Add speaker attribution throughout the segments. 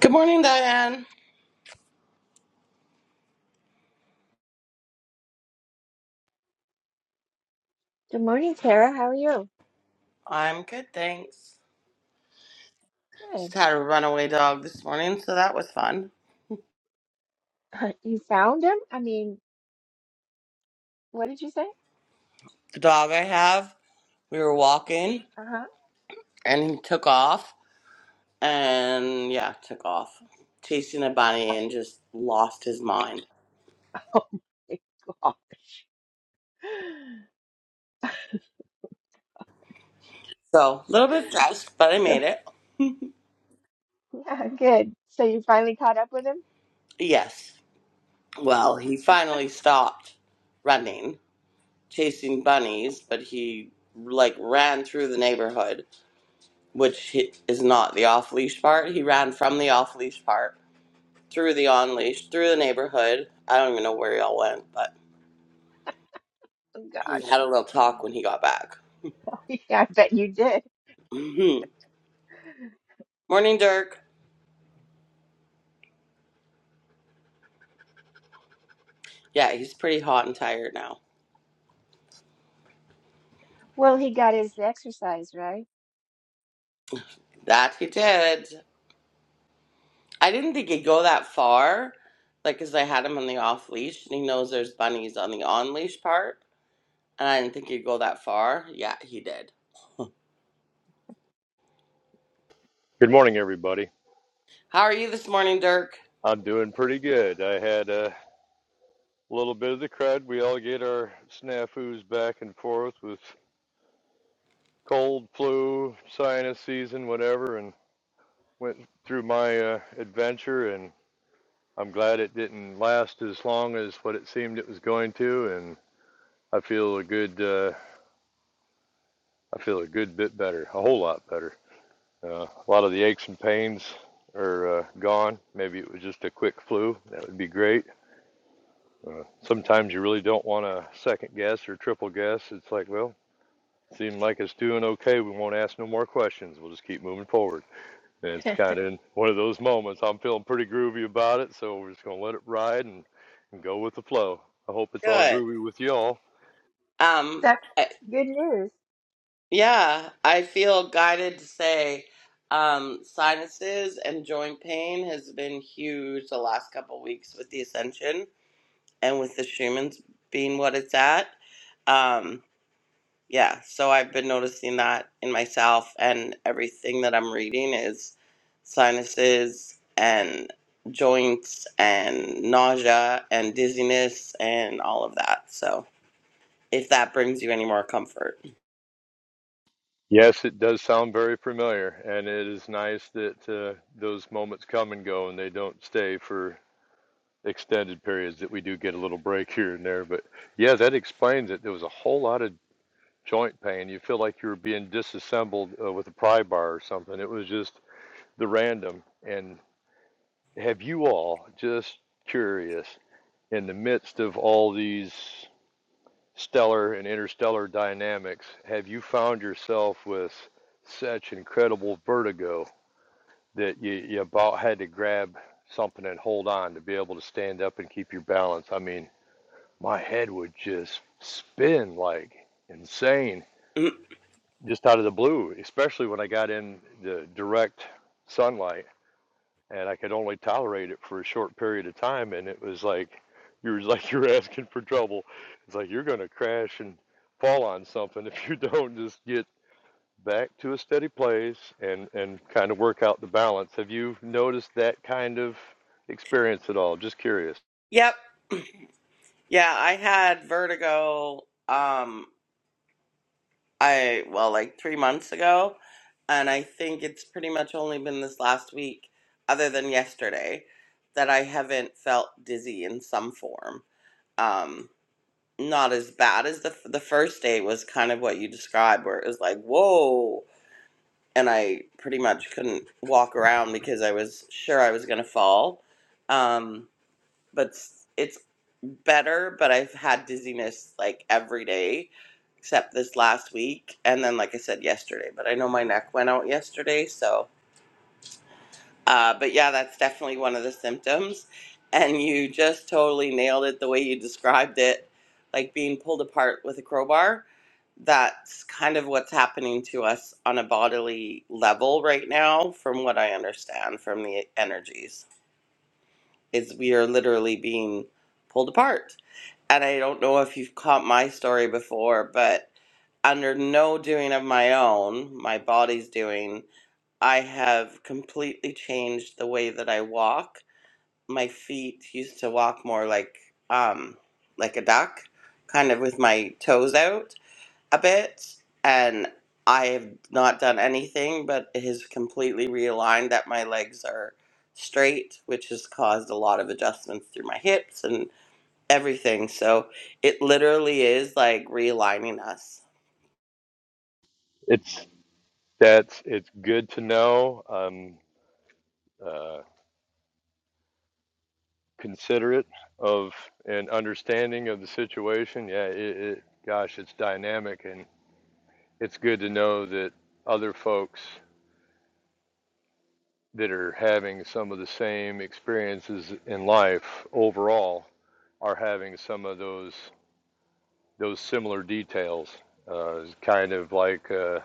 Speaker 1: Good morning, Diane.
Speaker 2: Good morning, Tara. How are you?
Speaker 1: I'm good, thanks. Just
Speaker 2: Good.
Speaker 1: had a runaway dog this morning, so that was fun.
Speaker 2: Uh, you found him? I mean, what did you say?
Speaker 1: The dog I have, we were walking
Speaker 2: Uh-huh.
Speaker 1: and he took off and yeah, took off chasing a bunny and just lost his mind.
Speaker 2: Oh my God.
Speaker 1: So, a little bit stressed, but I
Speaker 2: So,
Speaker 1: made it.
Speaker 2: yeah, good. So you finally caught up with him?
Speaker 1: Yes. Well, he finally stopped running, chasing bunnies, but he like ran through the neighborhood, which hi- is not the off leash part. He ran from the off leash part through the on leash, through the neighborhood. I don't even know where y'all went, but
Speaker 2: Oh
Speaker 1: we
Speaker 2: gosh.
Speaker 1: had a little talk when he got back.
Speaker 2: Yeah, I bet you did.
Speaker 1: hmm Morning, Dirk. Yeah, he's pretty hot and tired now.
Speaker 2: Well, he got his exercise, right?
Speaker 1: That he did. I didn't think he'd go that far, like, 'cause I had him on the off leash and he knows there's bunnies on the on leash part. And I didn't think he'd go that far. Yeah, he did.
Speaker 3: Good morning, everybody.
Speaker 1: How are you this morning, Dirk?
Speaker 3: I'm doing pretty good. I had a little bit of the crud. We all get our snafus back and forth with cold, flu, sinus season, whatever, and went through my uh, adventure. And I'm glad it didn't last as long as what it seemed it was going to. And I feel a good, uh, I feel a good bit better, a whole lot better. Uh, a lot of the aches and pains are uh, gone. Maybe it was just a quick flu. That would be great Uh, sometimes you really don't want to second guess or triple guess. It's like, well, it seemed like it's doing okay. We won't ask no more questions. We'll just keep moving forward. And it's kind of in one of those moments. I'm feeling pretty groovy about it, so we're just going to let it ride and, and go with the flow. I hope it's all
Speaker 1: Good.
Speaker 3: groovy with y'all.
Speaker 1: Um,
Speaker 2: That's good news.
Speaker 1: Yeah, I feel guided to say um, sinuses and joint pain has been huge the last couple weeks with the ascension and with the Schumann's being what it's at. Um, yeah, so I've been noticing that in myself, and everything that I'm reading is sinuses and joints and nausea and dizziness and all of that. So if that brings you any more comfort.
Speaker 3: Yes, it does sound very familiar, and it is nice that uh, those moments come and go and they don't stay for extended periods, that we do get a little break here and there. But yeah, that explains it. There was a whole lot of joint pain. You feel like you are being disassembled uh, with a pry bar or something. It was just the random. And have you all just curious in the midst of all these stellar and interstellar dynamics, have you found yourself with such incredible vertigo that you, you about had to grab something and hold on to be able to stand up and keep your balance? I mean, my head would just spin like insane
Speaker 1: Mm,
Speaker 3: just out of the blue, especially when I got in the direct sunlight and I could only tolerate it for a short period of time. And it was like, you were like, you're asking for trouble. It's like, you're going to crash and fall on something if you don't just get back to a steady place and, and kind of work out the balance. Have you noticed that kind of experience at all? Just curious.
Speaker 1: Yep, Yeah, I had vertigo um I well like 3 months ago and I think it's pretty much only been this last week other than yesterday that I haven't felt dizzy in some form. Um not as bad as the the first day was kind of what you described where it was like whoa and I pretty much couldn't walk around because I was sure I was going to fall. Um but s- it's better. But I've had dizziness like every day except this last week, and then like I said yesterday. But I know my neck went out yesterday, so. Uh, but yeah, that's definitely one of the symptoms, and you just totally nailed it the way you described it, like being pulled apart with a crowbar. That's kind of what's happening to us on a bodily level right now, from what I understand from the energies is we are literally being pulled apart. And I don't know if you've caught my story before, but under no doing of my own, my body's doing, I have completely changed the way that I walk. My feet used to walk more like um like a duck, kind of with my toes out a bit and I have not done anything, but it has completely realigned that my legs are straight, which has caused a lot of adjustments through my hips and everything. So it literally is like realigning us.
Speaker 3: It's that's it's good to know. Um, uh, considerate of and understanding of the situation. Yeah, it, it gosh, it's dynamic and it's good to know that other folks that are having some of the same experiences in life overall are having some of those those similar details. Uh, it's kind of like uh,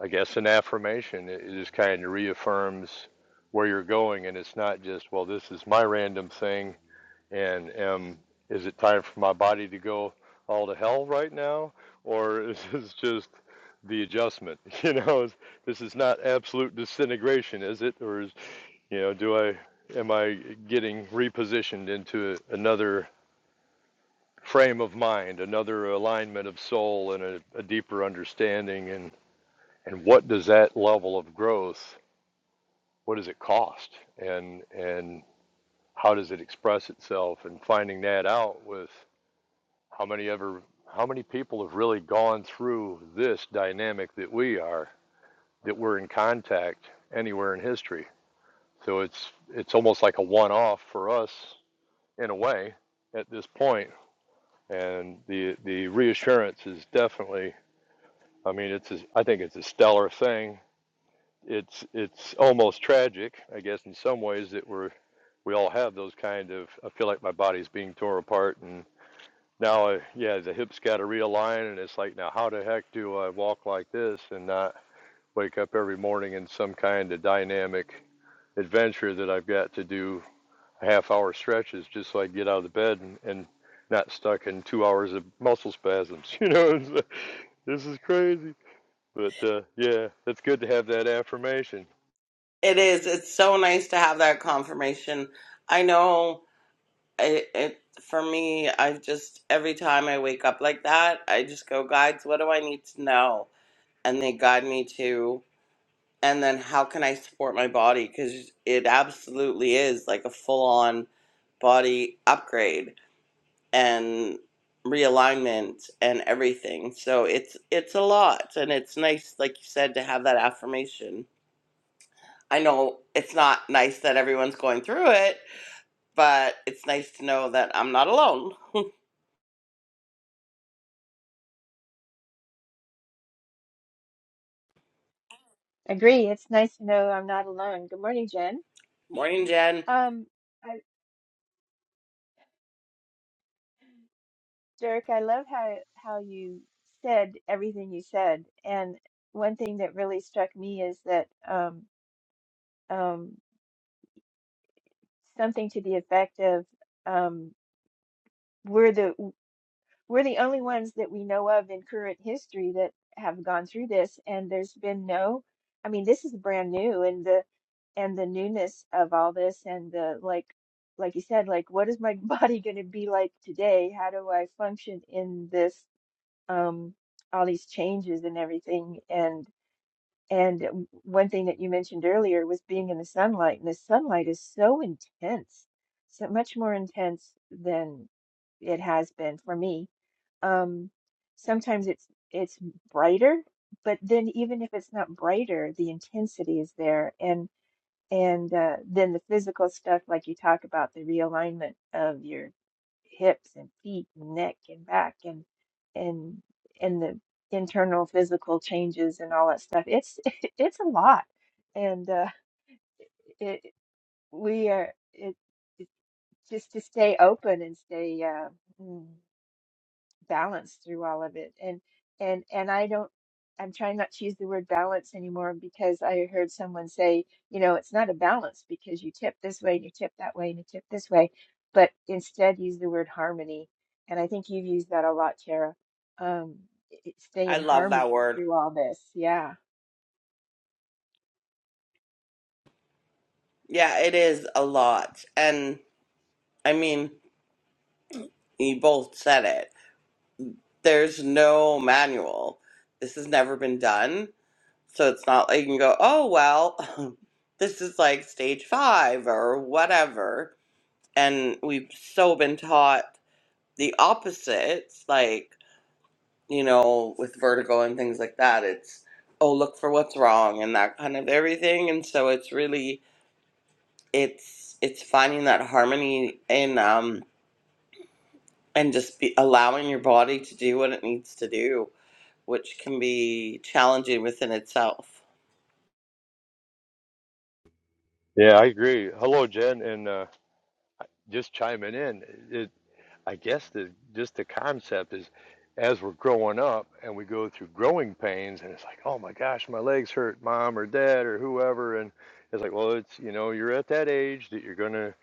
Speaker 3: I guess an affirmation. It, it just kind of reaffirms where you're going, and it's not just well, this is my random thing and am is it time for my body to go all to hell right now or is this just the adjustment you know this is not absolute disintegration is it or is you know do i am i getting repositioned into another frame of mind another alignment of soul and a, a deeper understanding and and what does that level of growth what does it cost and and how does it express itself and finding that out with How many ever how many people have really gone through this dynamic that we are that we're in contact anywhere in history? So it's it's almost like a one-off for us in a way at this point point. and the the reassurance is definitely I mean it's a, I think it's a stellar thing. It's it's almost tragic, I guess in some ways that we're we all have those kind of I feel like my body's being torn apart and now, I, yeah, the hips got to realign, and it's like, now how the heck do I walk like this and not wake up every morning in some kind of dynamic adventure that I've got to do half hour stretches just so I get out of the bed and, and not stuck in two hours of muscle spasms. You know, this is crazy. But uh, yeah, it's good to have that affirmation.
Speaker 1: It is. It's so nice to have that confirmation. I know it, it for me, I've just, every time I wake up like that, I just go, guides, what do I need to know? And they guide me to. and then how can I support my body? Because it absolutely is like a full on body upgrade and realignment and everything. So it's it's a lot, and it's nice, like you said, to have that affirmation. I know it's not nice that everyone's going through it, but it's nice to know that I'm not alone.
Speaker 2: Agree. It's nice to know I'm not alone. Good morning, Jen.
Speaker 1: Morning, Jen.
Speaker 2: Um, I, Dirk, I love how how you said everything you said. And one thing that really struck me is that um, um, something to the effect of um, we're the we're the only ones that we know of in current history that have gone through this, and there's been no, I mean, this is brand new, and the and the newness of all this, and the like, like you said, like what is my body going to be like today? How do I function in this? Um, all these changes and everything, and. And one thing that you mentioned earlier was being in the sunlight, and the sunlight is so intense, so much more intense than it has been for me. Um, sometimes it's it's brighter, but then even if it's not brighter, the intensity is there. and. And uh, then the physical stuff, like you talk about the realignment of your hips and feet and neck and back and and and the internal physical changes and all that stuff. It's it's a lot, and uh, it we are it, it just to stay open and stay uh, mm, balance through all of it and and and i don't i'm trying not to use the word balance anymore because i heard someone say you know it's not a balance because you tip this way and you tip that way and you tip this way but instead use the word harmony and i think you've used that a lot tara um it- it- stay
Speaker 1: I
Speaker 2: in
Speaker 1: love that
Speaker 2: harmony
Speaker 1: word.
Speaker 2: through all this yeah
Speaker 1: Yeah, it is a lot, and I mean, you both said it there's no manual. This has never been done. So it's not like you can go, oh, well, this is like stage five or whatever. And we've so been taught the opposites, like, you know, with vertigo and things like that. It's, oh, look for what's wrong and that kind of everything. And so it's really, it's, it's finding that harmony in, um, and just be allowing your body to do what it needs to do which can be challenging within itself.
Speaker 3: Yeah, I agree. Hello, Jen, and uh, just chiming in. I guess the just the concept is as we're growing up and we go through growing pains and it's like, oh my gosh, my legs hurt, mom or dad or whoever and it's like, well, it's you know, you're at that age that you're gonna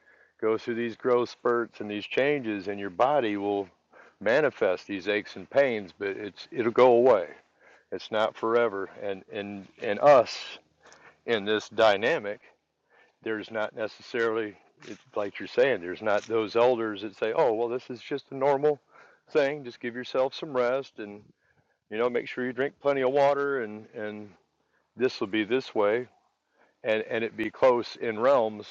Speaker 3: go through these growth spurts and these changes and your body will manifest these aches and pains, but it's it'll go away. It's not forever. And and and us in this dynamic there's not necessarily, it, like you're saying, there's not those elders that say, oh, well, this is just a normal thing. Just give yourself some rest and, you know, make sure you drink plenty of water and, and this will be this way. And, and it be close in realms.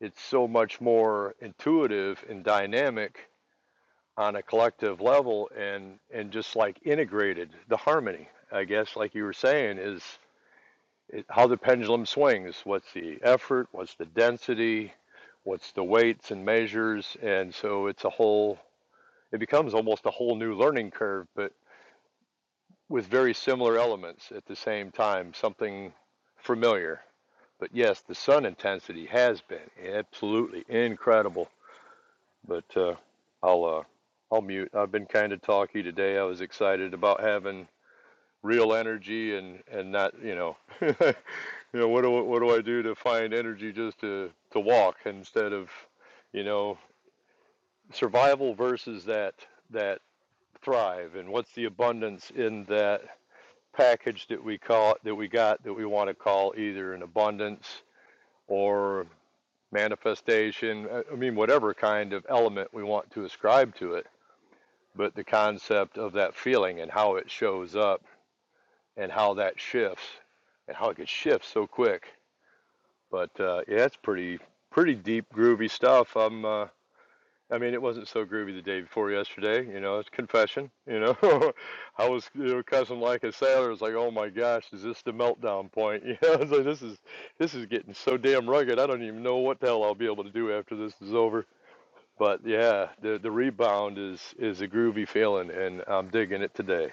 Speaker 3: It's so much more intuitive and dynamic on a collective level and, and just like integrated the harmony, I guess, like you were saying is it, how the pendulum swings. What's the effort? What's the density? What's the weights and measures? And so it's a whole, it becomes almost a whole new learning curve, but with very similar elements at the same time, something familiar. But yes, the sun intensity has been absolutely incredible. But uh, I'll uh, I'll mute. I've been kind of talky today. I was excited about having real energy and and not you know you know what do what do I do to find energy just to to walk instead of you know survival versus that that thrive and what's the abundance in that package that we call that we got that we want to call either an abundance or manifestation I mean whatever kind of element we want to ascribe to it but the concept of that feeling and how it shows up and how that shifts and how it could shift so quick But uh, yeah, it's pretty pretty deep, groovy stuff. I'm. Uh, I mean, it wasn't so groovy the day before yesterday. You know, it's confession. You know, I was you know, cussing like a sailor. It's like, oh my gosh, is this the meltdown point? You know, it's like this is this is getting so damn rugged. I don't even know what the hell I'll be able to do after this is over. But yeah, the the rebound is is a groovy feeling, and I'm digging it today.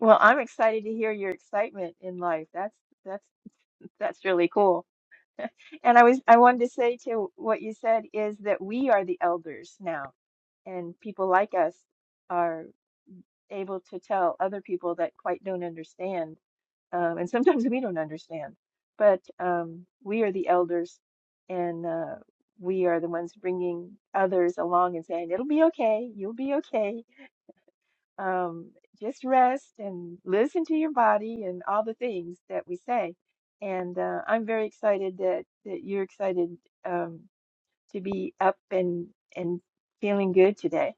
Speaker 2: well i'm excited to hear your excitement in life that's that's that's really cool and i was i wanted to say to what you said is that we are the elders now and people like us are able to tell other people that quite don't understand um, and sometimes we don't understand but um, we are the elders and uh, we are the ones bringing others along and saying it'll be okay you'll be okay um, just rest and listen to your body and all the things that we say and uh, i'm very excited that, that you're excited um, to be up and and feeling good today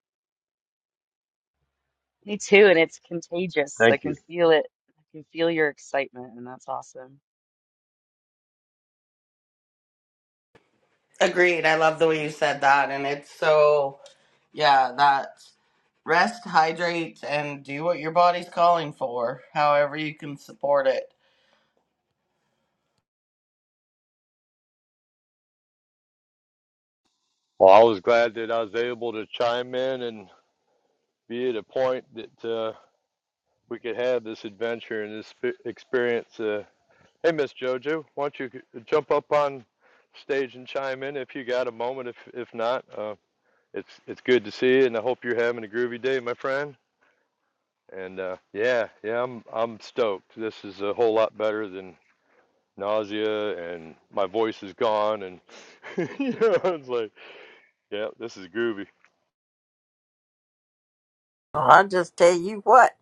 Speaker 4: Me too, and it's contagious. I
Speaker 3: Thank
Speaker 4: can
Speaker 3: you.
Speaker 4: feel it. I can feel your excitement, and that's awesome.
Speaker 1: Agreed. I love the way you said that. And it's so, yeah, that's rest, hydrate, and do what your body's calling for, however you can support it.
Speaker 3: Well, I was glad that I was able to chime in and be at a point that. Uh, we could have this adventure and this experience. Uh, hey, Miss JoJo, why don't you jump up on stage and chime in if you got a moment? If if not, uh, it's it's good to see you, and I hope you're having a groovy day, my friend. And uh, yeah, yeah, I'm I'm stoked. This is a whole lot better than nausea, and my voice is gone, and you know, it's like, yeah, this is groovy.
Speaker 5: Oh, I just tell you what,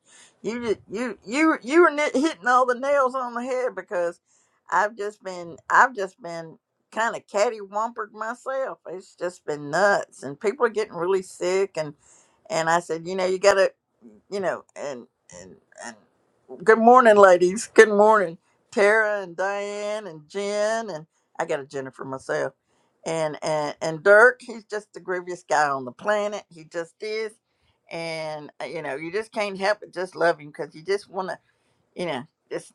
Speaker 5: you ju- you you you were nit- hitting all the nails on the head because I've just been I've just been kind of cattywampering myself. It's just been nuts, and people are getting really sick, and and I said, you know, you gotta, you know, and and and Good morning, ladies. Good morning, Tara and Diane and Jen and I got a Jennifer myself. And and and Dirk, he's just the grooviest guy on the planet. He just is. And uh, you know, you just can't help but just love him because you just want to, you know, just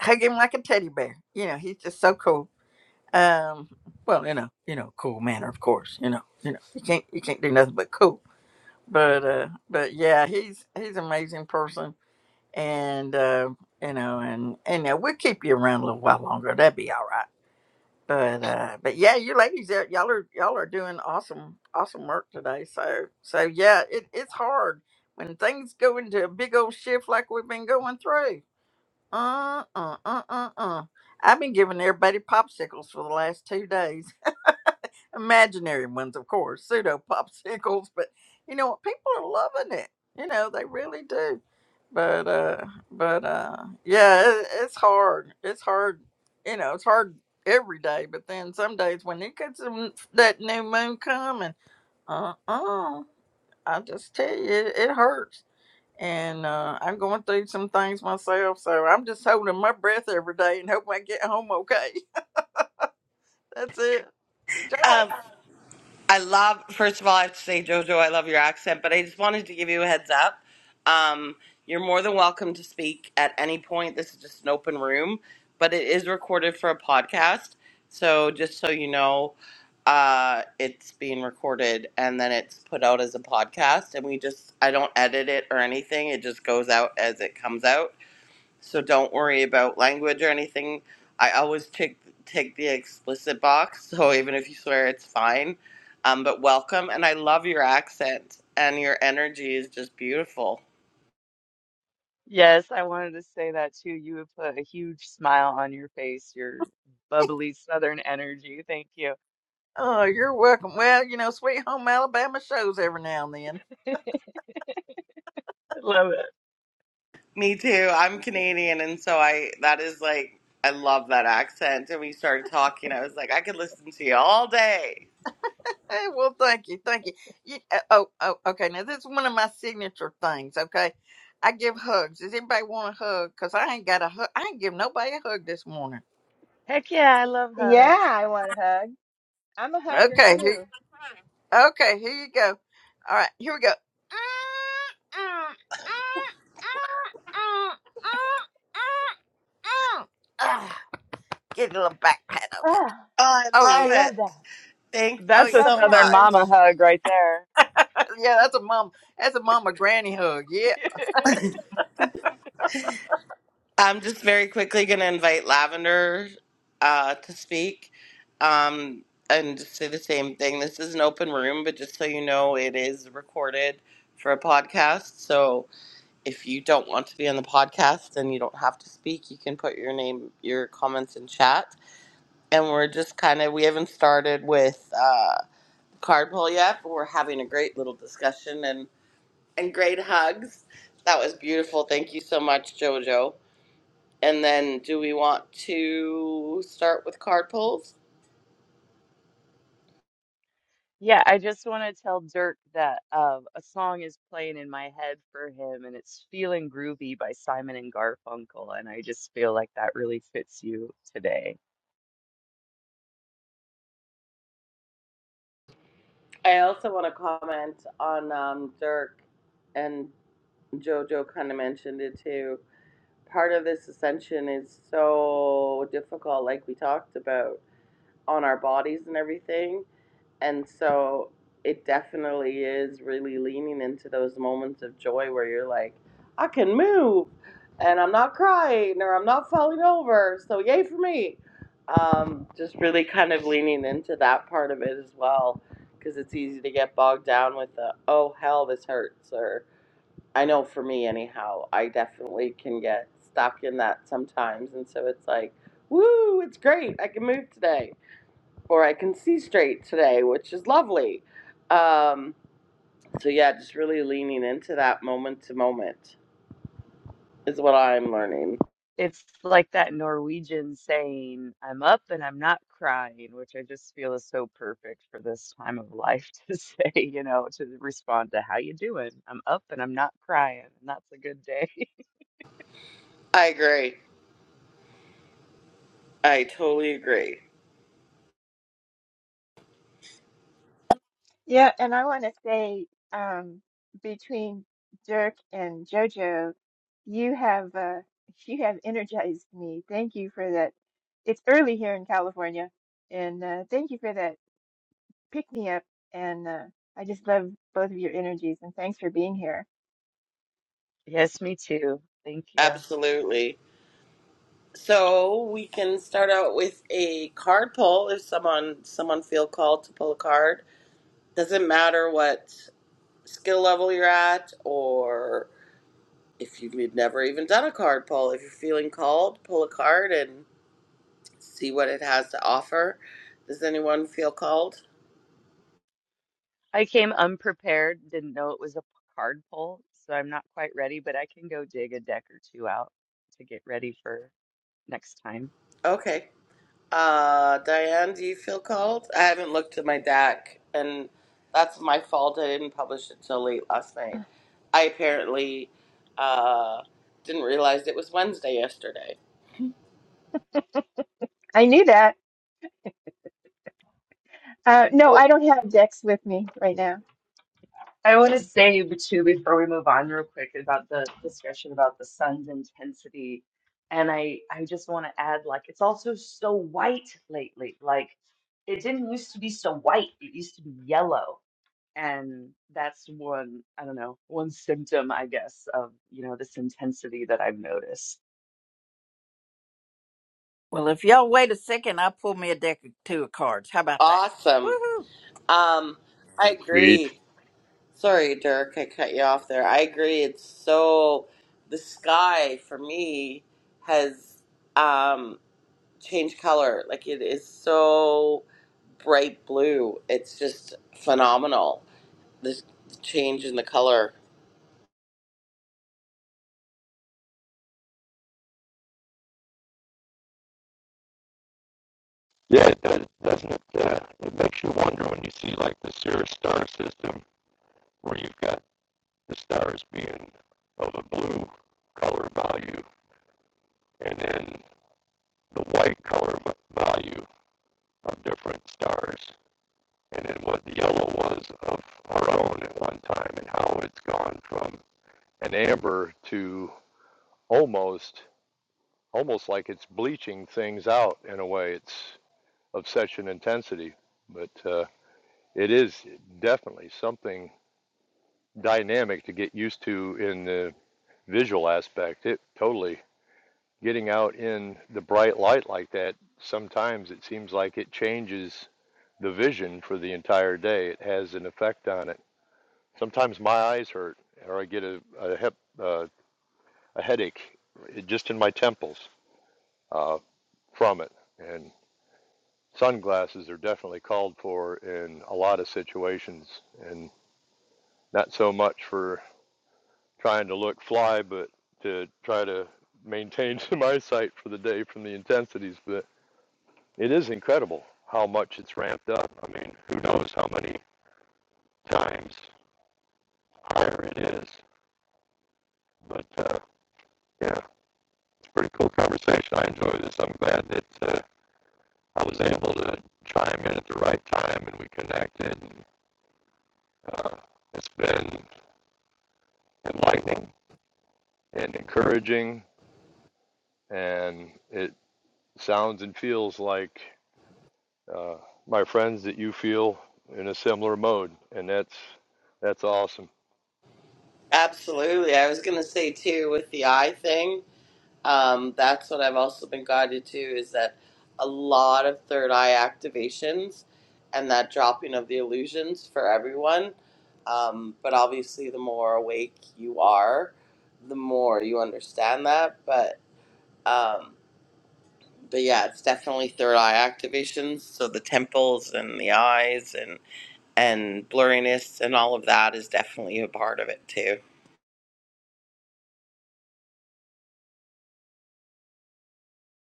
Speaker 5: hug him like a teddy bear. You know, he's just so cool. Um, well, you know, you know, cool manner, of course. You know, you know, you can't you can't do nothing but cool. But uh, but yeah, he's he's an amazing person and uh, you know, and and uh, we'll keep you around a little while longer. That'd be all right. But uh, but yeah, you ladies, uh, y'all are y'all are doing awesome awesome work today. So so yeah, it, it's hard when things go into a big old shift like we've been going through. Uh uh uh uh uh. I've been giving everybody popsicles for the last two days imaginary ones, of course, pseudo popsicles. But you know what? People are loving it. You know they really do. But uh, but uh, yeah, it, it's hard. It's hard. You know, it's hard every day. But then some days when it gets in- that new moon coming, uh, uh I just tell you, it, it hurts. And uh, I'm going through some things myself, so I'm just holding my breath every day and hoping I get home okay. That's it.
Speaker 1: Um,
Speaker 5: Rejoice.
Speaker 1: I love, first of all, I have to say, Jojo, I love your accent, but I just wanted to give you a heads up. Um, you're more than welcome to speak at any point. This is just an open room, but it is recorded for a podcast. So just so you know, uh, it's being recorded and then it's put out as a podcast. And we just, I don't edit it or anything. It just goes out as it comes out so don't worry about language or anything. I always take take the explicit box, so even if you swear, it's fine. Um, but welcome, and I love your accent and your energy is just beautiful.
Speaker 4: Yes, I wanted to say that too. You have put a huge smile on your face, your bubbly Southern energy. Thank you.
Speaker 5: Oh, you're welcome. Well, you know, Sweet Home Alabama shows every now and then.
Speaker 4: Love it.
Speaker 1: Me too. I'm Canadian, and so I that is like I love that accent. And we started talking. I was like, I could listen to you all day.
Speaker 5: Hey, well, thank you, thank you. you uh, oh, oh, okay. Now this is one of my signature things. Okay, I give hugs. Does anybody want a hug? Cause I ain't got a hug. I ain't give nobody a hug this morning.
Speaker 4: Heck yeah, I love
Speaker 2: Yeah,
Speaker 4: hugs.
Speaker 2: I want hugs. I'm a hugger
Speaker 5: Okay, here,
Speaker 2: too.
Speaker 5: okay, here you go. All right, here we go. Ah, get a little back pat of
Speaker 2: Oh,
Speaker 5: it.
Speaker 1: Oh, I
Speaker 5: Oh yeah.
Speaker 2: I
Speaker 1: love it.
Speaker 2: love that.
Speaker 1: Thank
Speaker 2: I
Speaker 5: Oh.
Speaker 1: you
Speaker 4: That's
Speaker 5: yeah.
Speaker 4: a
Speaker 2: felt
Speaker 1: so
Speaker 2: that
Speaker 4: Southern
Speaker 1: much.
Speaker 2: one.
Speaker 4: mama hug right there.
Speaker 5: Yeah, that's a mom. That's a mama granny hug. Yeah.
Speaker 1: I'm just very quickly going to invite Lavender uh, to speak um, and just say the same thing. This is an open room, but just so you know, it is recorded for a podcast. So if you don't want to be on the podcast and you don't have to speak, you can put your name, your comments in chat. And we're just kind of, we haven't started with uh, card pull yet, but we're having a great little discussion and, and great hugs. That was beautiful. Thank you so much, JoJo. And then do we want to start with card polls?
Speaker 4: Yeah, I just want to tell Dirk that uh, a song is playing in my head for him, and it's Feeling Groovy by Simon and Garfunkel, and I just feel like that really fits you today.
Speaker 1: I also want to comment on um, Dirk and Jojo kind of mentioned it too. Part of this ascension is so difficult, like we talked about, on our bodies and everything And so it definitely is really leaning into those moments of joy where you're like, I can move and I'm not crying or I'm not falling over. So, yay for me. Um, just really kind of leaning into that part of it as well because it's easy to get bogged down with the, oh, hell, this hurts. Or I know for me, anyhow, I definitely can get stuck in that sometimes. And so it's like, woo, it's great. I can move today or I can see straight today, which is lovely. Um, so yeah, just really leaning into that moment to moment is what I'm learning.
Speaker 4: It's like that Norwegian saying, I'm up and I'm not crying, which I just feel is so perfect for this time of life to say, you know, to respond to how you doing? I'm up and I'm not crying, and that's a good day.
Speaker 1: I agree. I totally agree.
Speaker 2: Yeah, and I want to say, um, between Dirk and JoJo, you have uh, you have energized me. Thank you for that. It's early here in California, and uh, thank you for that pick me up. And uh, I just love both of your energies, and thanks for being here.
Speaker 4: Yes, me too. Thank you.
Speaker 1: Absolutely. So we can start out with a card pull if someone someone feel called to pull a card. Doesn't matter what skill level you're at or if you've never even done a card pull. If you're feeling called, pull a card and. see what it has to offer. Does anyone feel called?
Speaker 4: I came unprepared, didn't know it was a card pull, so I'm not quite ready, but I can go dig a deck or two out to get ready for next time.
Speaker 1: Okay. Uh, Diane, do you feel called? I haven't looked at my deck, and that's my fault. I didn't publish it till late last night. I apparently uh, didn't realize it was Wednesday yesterday.
Speaker 2: I knew that. Uh, no, I don't have Dex with me right now.
Speaker 4: I want to say too before we move on real quick about the discussion about the sun's intensity. And I I just want to add like it's also so white lately. Like it didn't used to be so white. It used to be yellow. And that's one, I don't know, one symptom, I guess, of, you know, this intensity that I've noticed.
Speaker 5: Well, if y'all wait a second, I'll pull me a deck of two of cards. How about that?
Speaker 1: Awesome.
Speaker 5: Woohoo!
Speaker 1: Um, I
Speaker 3: Sweet.
Speaker 1: agree. Sorry, Dirk, I cut you off there. I agree. It's so the sky for me has. Um, change color. Like it is so bright blue. It's just phenomenal. This change in the color.
Speaker 3: Yeah, it does, doesn't it? Uh, it makes you wonder when you see like the Sirius star system, where you've got the stars being a blue color value and then value of different stars and then what the yellow was of our own at one time and how it's gone from an amber to almost almost like it's bleaching things out in a way it's of such an intensity but uh, it is definitely something dynamic to get used to in the visual aspect it totally getting out in the bright light like that, sometimes it seems like it changes the vision for the entire day. It has an effect on it. Sometimes my eyes hurt, or I get a a, hep, uh, a headache just in my temples uh, from it. And sunglasses are definitely called for in a lot of situations, and not so much for trying to look fly, but to try to maintain my sight for the day from the intensities. But It is incredible how much it's ramped up. I mean, who knows how many times higher it is. But uh, yeah, it's a pretty cool conversation. I enjoy this. I'm glad that uh, I was able to chime in at the right time and we connected. And, uh, it's been enlightening and encouraging, and it sounds and feels like uh, my friends that you feel in a similar mode, and that's that's awesome.
Speaker 1: Absolutely. I was gonna say too with the eye thing. Um, that's what I've also been guided to is that a lot of third eye activations and that dropping of the illusions for everyone. Um, but obviously, the more awake you are, the more you understand that. But um, but yeah, it's definitely third eye activation. So the temples and the eyes and and blurriness and all of that is definitely a part of it too.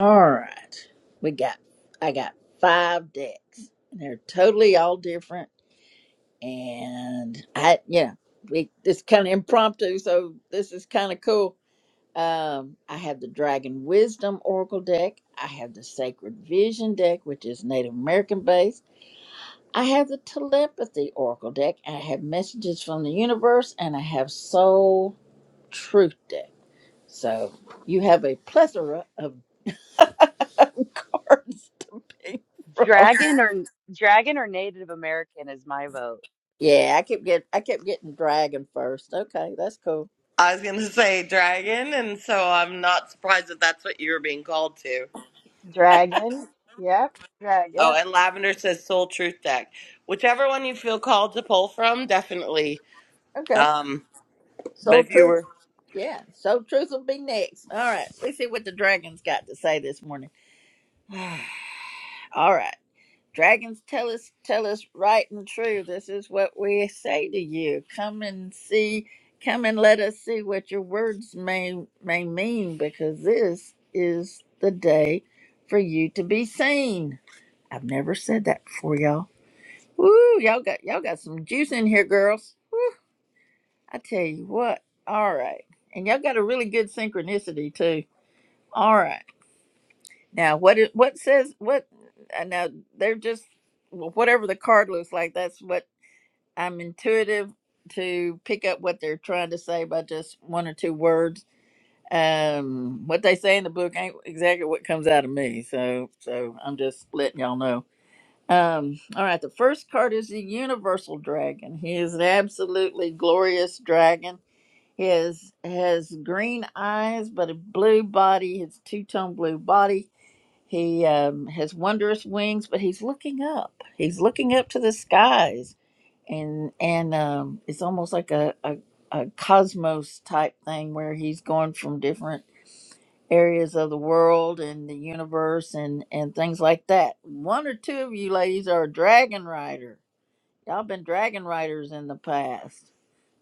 Speaker 5: All right, we got. I got five decks. and They're totally all different, and I, you know, we it's kind of impromptu, so this is kind of cool. Um, I have the Dragon Wisdom Oracle deck. I have the Sacred Vision deck, which is Native American based. I have the telepathy oracle deck, I have messages from the universe, and I have soul truth deck. So you have a plethora of cards being from.
Speaker 4: Dragon or dragon or Native American is my vote.
Speaker 5: Yeah, I kept getting I kept getting dragon first. Okay, that's cool.
Speaker 1: I was gonna say dragon, and so I'm not surprised that that's what you were being called to.
Speaker 2: Dragon. Yep, dragon.
Speaker 1: Oh,
Speaker 5: Yeah.
Speaker 1: and Lavender says Soul Truth Deck. Whichever one you feel called to pull from, definitely.
Speaker 5: Okay.
Speaker 1: Um, but
Speaker 5: Soul
Speaker 1: if you
Speaker 5: truth.
Speaker 1: were
Speaker 5: Yeah. Soul truth will be next. All right. Let's see what the dragons got to say this morning. All right. Dragons tell us tell us right and true. This is what we say to you. Come and see, come and let us see what your words may may mean, because this is the day for you to be seen. I've never said that before, y'all. Woo, y'all got y'all got some juice in here, girls. I tell you what. All right. And y'all got a really good synchronicity too. All right. Now what it what says what uh, now they're just whatever the card looks like, that's what I'm intuitive to pick up what they're trying to say by just one or two words. Um, what they say in the book ain't exactly what comes out of me, so so I'm just letting y'all know. Um, all right, the first card is the Universal Dragon. He is an absolutely glorious dragon. He has has green eyes but a blue body. His two tone blue body. He um, has wondrous wings, but he's looking up. He's looking up to the skies and and um, it's almost like a, a a cosmos type thing where he's going from different areas of the world and the universe and and things like that. One or two of you ladies are a dragon rider. Y'all been dragon riders in the past.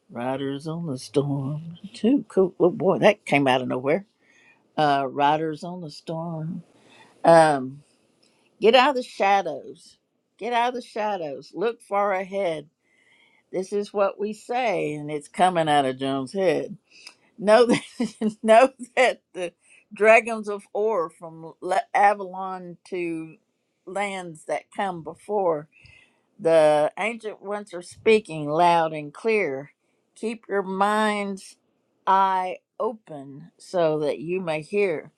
Speaker 5: Riders on the storm. Too cool. Oh boy, that came out of nowhere. Uh, riders on the storm. Um, get out of the shadows. Get out of the shadows. Look far ahead This is what we say, and it's coming out of Joan's head. Know that, know that the dragons of ore from Le- Avalon to lands that come before the ancient ones are speaking loud and clear. Keep your mind's eye open so that you may hear.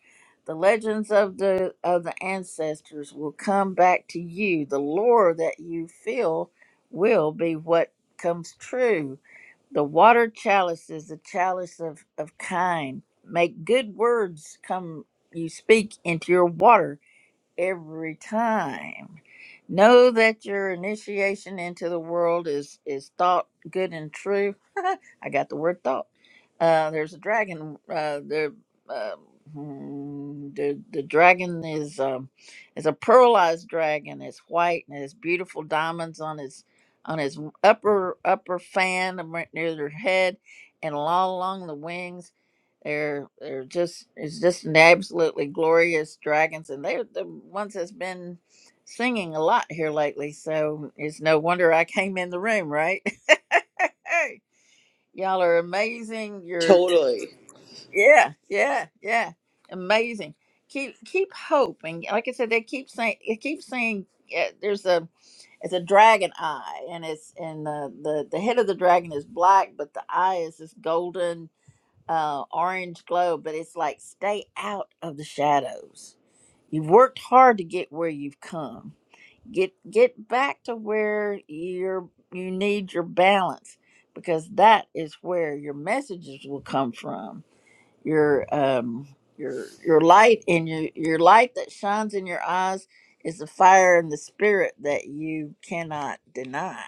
Speaker 5: The legends of the of the ancestors will come back to you. The lore that you feel will be what comes true. The water chalice is the chalice of, of kind. Make good words come you speak into your water every time. Know that your initiation into the world is is thought good and true. I got the word thought. Uh, there's a dragon. Uh, there, uh, hmm, the the dragon is um, is a pearlized dragon. It's white and it has beautiful diamonds on his on his upper upper fan and right near their head, and all along the wings they're they're just it's just an absolutely glorious dragons, and they're the ones that's been singing a lot here lately. So it's no wonder I came in the room, right? Y'all are amazing. You're
Speaker 1: totally,
Speaker 5: yeah, yeah, yeah, amazing. Keep keep hope, and like I said, they keep saying they keep saying uh, there's a it's a dragon eye, and it's and the, the the head of the dragon is black, but the eye is this golden, uh, orange glow, but it's like stay out of the shadows. You've worked hard to get where you've come. Get get back to where you're you need your balance because that is where your messages will come from. Your um your your light and your your light that shines in your eyes is the fire and the spirit that you cannot deny.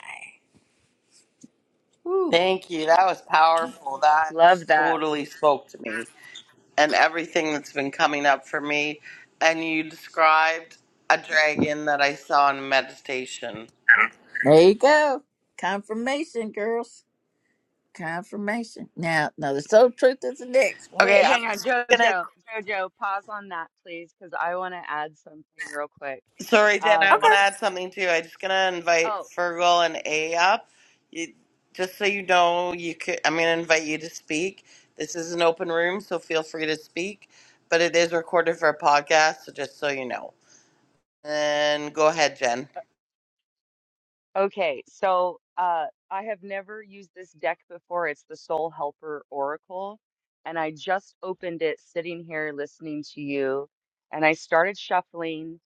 Speaker 5: Whew.
Speaker 1: thank you. That was powerful. That
Speaker 4: Love that.
Speaker 1: totally spoke to me. and everything that's been coming up for me. And you described a dragon that I saw in meditation.
Speaker 5: There you go. Confirmation, girls. Confirmation. Now, now the soul truth is the next one.
Speaker 1: Okay,
Speaker 4: Wait,
Speaker 1: I'm
Speaker 4: hang on,
Speaker 1: just gonna.
Speaker 4: Jojo. Jojo, pause on that, please, because I want to add something real quick.
Speaker 1: Sorry, Jen, I want
Speaker 5: Okay.
Speaker 4: Um,
Speaker 1: to add something too. I'm just gonna invite
Speaker 4: oh,
Speaker 1: Fergal and A up. You, just so you know, you could. I'm gonna invite you to speak. This is an open room, so feel free to speak. But it is recorded for a podcast, so just so you know. And go ahead, Jen.
Speaker 4: okay. So, uh, I have never used this deck before. It's the Soul Helper Oracle, and I just opened it sitting here listening to you, and I started shuffling,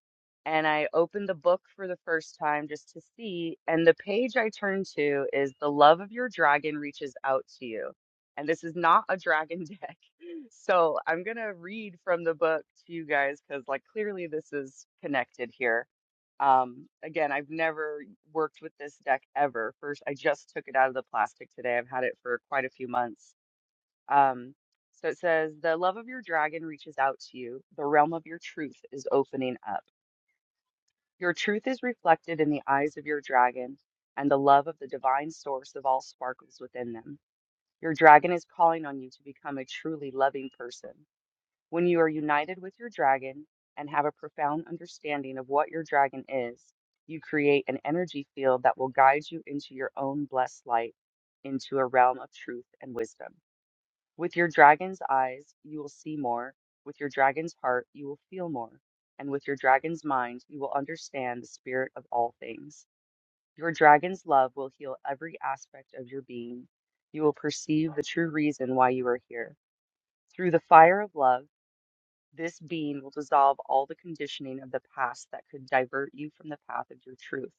Speaker 4: and I opened the book for the first time just to see, and the page I turned to is The Love of Your Dragon Reaches Out to You. And this is not a dragon deck. So I'm going to read from the book to you guys because, like, clearly this is connected here. Um, again, I've never worked with this deck ever. First, I just took it out of the plastic today. I've had it for quite a few months. Um, so it says, The love of your dragon reaches out to you. The realm of your truth is opening up. Your truth is reflected in the eyes of your dragon, and the love of the divine source of all sparkles within them. Your dragon is calling on you to become a truly loving person. When you are united with your dragon and have a profound understanding of what your dragon is, you create an energy field that will guide you into your own blessed light, into a realm of truth and wisdom. With your dragon's eyes, you will see more. With your dragon's heart, you will feel more. And with your dragon's mind, you will understand the spirit of all things. Your dragon's love will heal every aspect of your being. You will perceive the true reason why you are here. Through the fire of love, this being will dissolve all the conditioning of the past that could divert you from the path of your truth.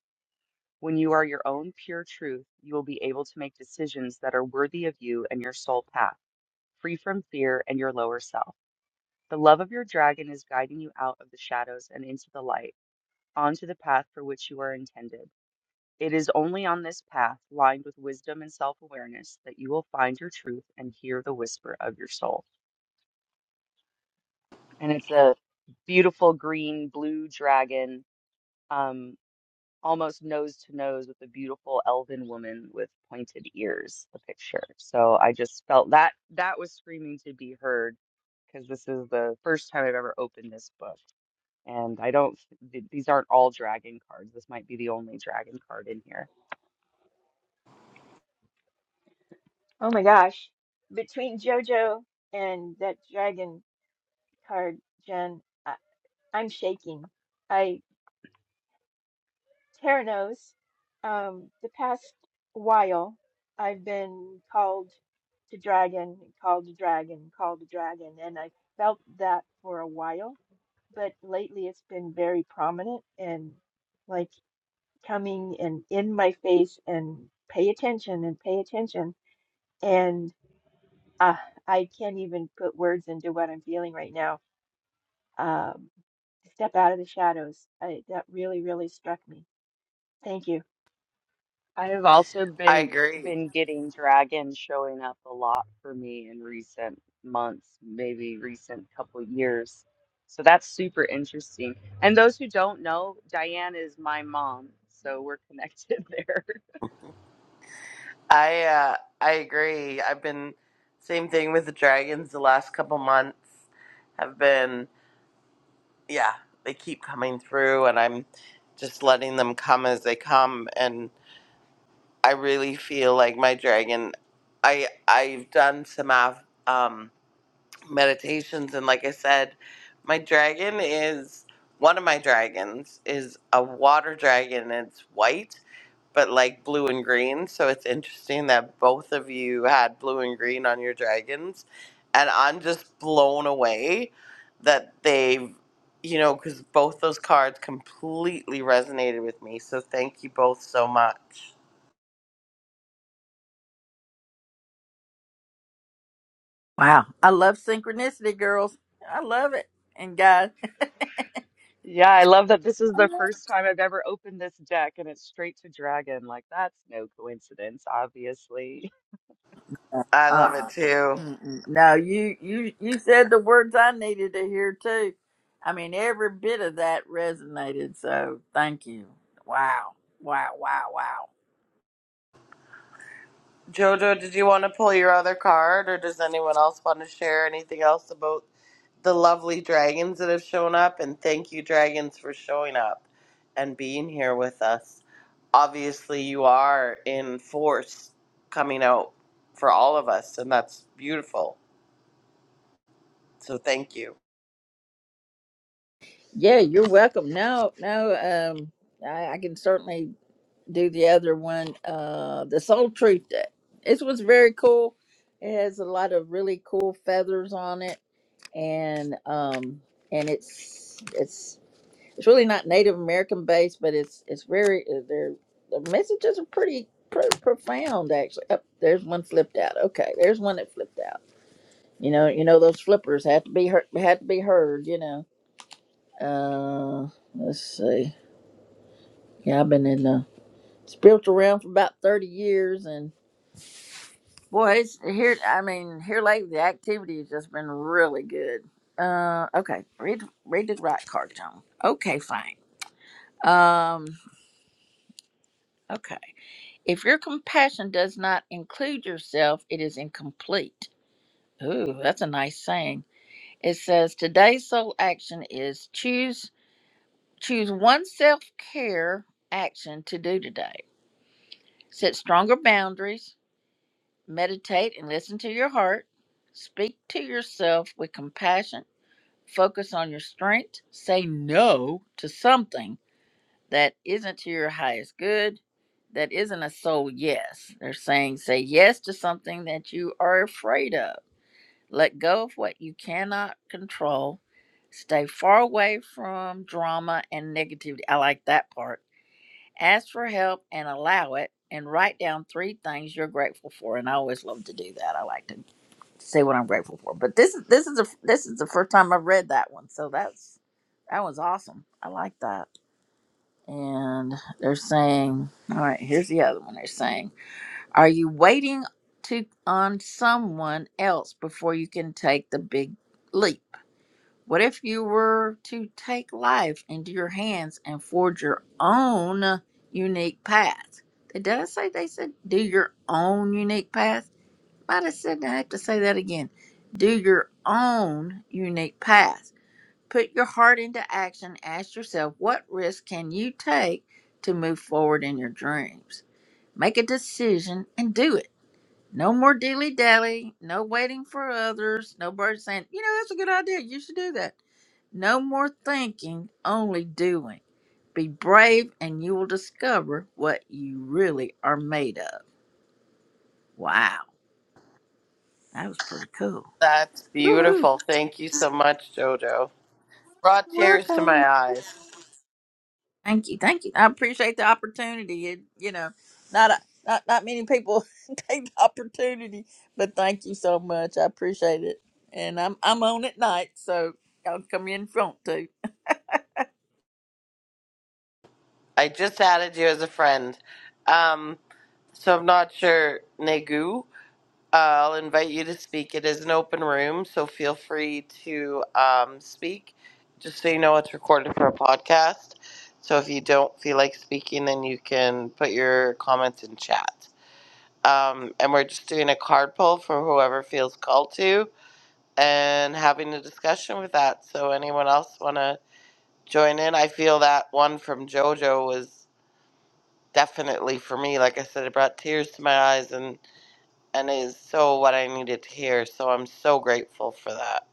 Speaker 4: When you are your own pure truth, you will be able to make decisions that are worthy of you and your soul path, free from fear and your lower self. The love of your dragon is guiding you out of the shadows and into the light, onto the path for which you are intended. It is only on this path, lined with wisdom and self awareness, that you will find your truth and hear the whisper of your soul. And it's a beautiful green blue dragon. Um, almost nose to nose with a beautiful elven woman with pointed ears, the picture. So I just felt that that was screaming to be heard because this is the first time I've ever opened this book. And I don't, th- these aren't all dragon cards. This might be the only dragon card in here
Speaker 2: Oh my gosh. Between JoJo and that dragon card, Jen, I, I'm shaking. I, Tara knows, um, the past while I've been called to dragon, called to dragon, called to dragon, and I felt that for a while, but lately it's been very prominent and like coming and in my face and pay attention and pay attention. uh, I can't even put words into what I'm feeling right now. Um, step out of the shadows. I, that really, really struck me. Thank you.
Speaker 4: I have also
Speaker 1: I
Speaker 4: been
Speaker 1: agree.
Speaker 4: been getting dragons showing up a lot for me in recent months, maybe recent couple years. So that's super interesting. And those who don't know, Diane is my mom, so we're connected there.
Speaker 1: I uh, I agree. I've been same thing with the dragons the last couple months. Have been yeah, they keep coming through and I'm just letting them come as they come and I really feel like my dragon I I've done some av- um meditations and like I said, my dragon is one of my dragons is a water dragon. It's white but like blue and green. So it's interesting that both of you had blue and green on your dragons. And I'm just blown away that they've, you know, because both those cards completely resonated with me. So thank you both so much.
Speaker 5: Wow. I love synchronicity, girls. I love it. And guys,
Speaker 4: Yeah, I love that this is
Speaker 5: I
Speaker 4: the
Speaker 5: love
Speaker 4: first time I've ever opened this deck and it's straight to dragon. Like that's no coincidence, obviously.
Speaker 5: it.
Speaker 1: I love it
Speaker 5: uh-uh.
Speaker 1: too.
Speaker 5: Mm-mm. No, you you you said the words I needed to hear too. I mean, every bit of that resonated. So thank you. Wow. Wow. Wow. Wow.
Speaker 1: Jojo, did you want to pull your other card, or does anyone else want to share anything else about the lovely dragons that have shown up? And thank you, dragons, for showing up and being here with us. Obviously, you are in force coming out for all of us, and that's beautiful. So, thank you.
Speaker 5: Yeah, you're welcome. No, no. Um, I, I can certainly. do the other one, uh, the Soul Truth Day. This was very cool. It has a lot of really cool feathers on it, and um, and it's it's it's really not Native American based, but it's it's very uh, their the messages are pretty pretty profound actually. Oh, there's one flipped out. Okay, there's one that flipped out. You know, you know those flippers have to be heard, had to be heard. You know. Uh, let's see. Yeah, I've been in the spiritual realm for about thirty years, and Boy, it's here. I mean, here lately, the activity has just been really good. Uh, okay, read read the right card, John. Okay, fine. Um, okay. If your compassion does not include yourself, it is incomplete. Ooh, that's a nice saying. It says today's sole action is choose choose one self care action to do today. Set stronger boundaries. Meditate and listen to your heart. Speak to yourself with compassion Focus on your strength. Say no to something that isn't to your highest good, that isn't a soul yes. They're saying say yes to something that you are afraid of. Let go of what you cannot control. Stay far away from drama and negativity. I like that part. Ask for help and allow it, and write down three things you're grateful for. And I always love to do that. I like to say what I'm grateful for. But this is this is a this is the first time I've read that one, so that's that one's awesome. I like that. And they're saying, all right, here's the other one. They're saying, are you waiting to on someone else before you can take the big leap? What if you were to take life into your hands and forge your own unique path? Did I say they said do your own unique path? might have said that. I have to say that again. Do your own unique path. Put your heart into action. Ask yourself, what risk can you take to move forward in your dreams? Make a decision and do it. No more dilly dally. No waiting for others. No bird saying, you know, that's a good idea. You should do that. No more thinking, only doing. Be brave and you will discover what you really are made of. Wow. That was pretty cool.
Speaker 1: That's
Speaker 5: Woohoo.
Speaker 1: beautiful. Thank you so much, Jojo. Brought tears to
Speaker 5: Welcome.
Speaker 1: my eyes.
Speaker 5: Thank you, thank you. I appreciate the opportunity. It, you know, not a, not not many people take the opportunity, but thank you so much. I appreciate it. And I'm I'm on at night, so y'all come in front too.
Speaker 1: I just added you as a friend. Um, so I'm not sure, Negu. I'll invite you to speak. It is an open room, so feel free to um, speak. Just so you know, it's recorded for a podcast. So if you don't feel like speaking, then you can put your comments in chat. Um, and we're just doing a card pull for whoever feels called to and having a discussion with that. So anyone else want to join in? I feel that one from JoJo was definitely for me. Like I said, it brought tears to my eyes and and is so what I needed to hear. So I'm so grateful for that.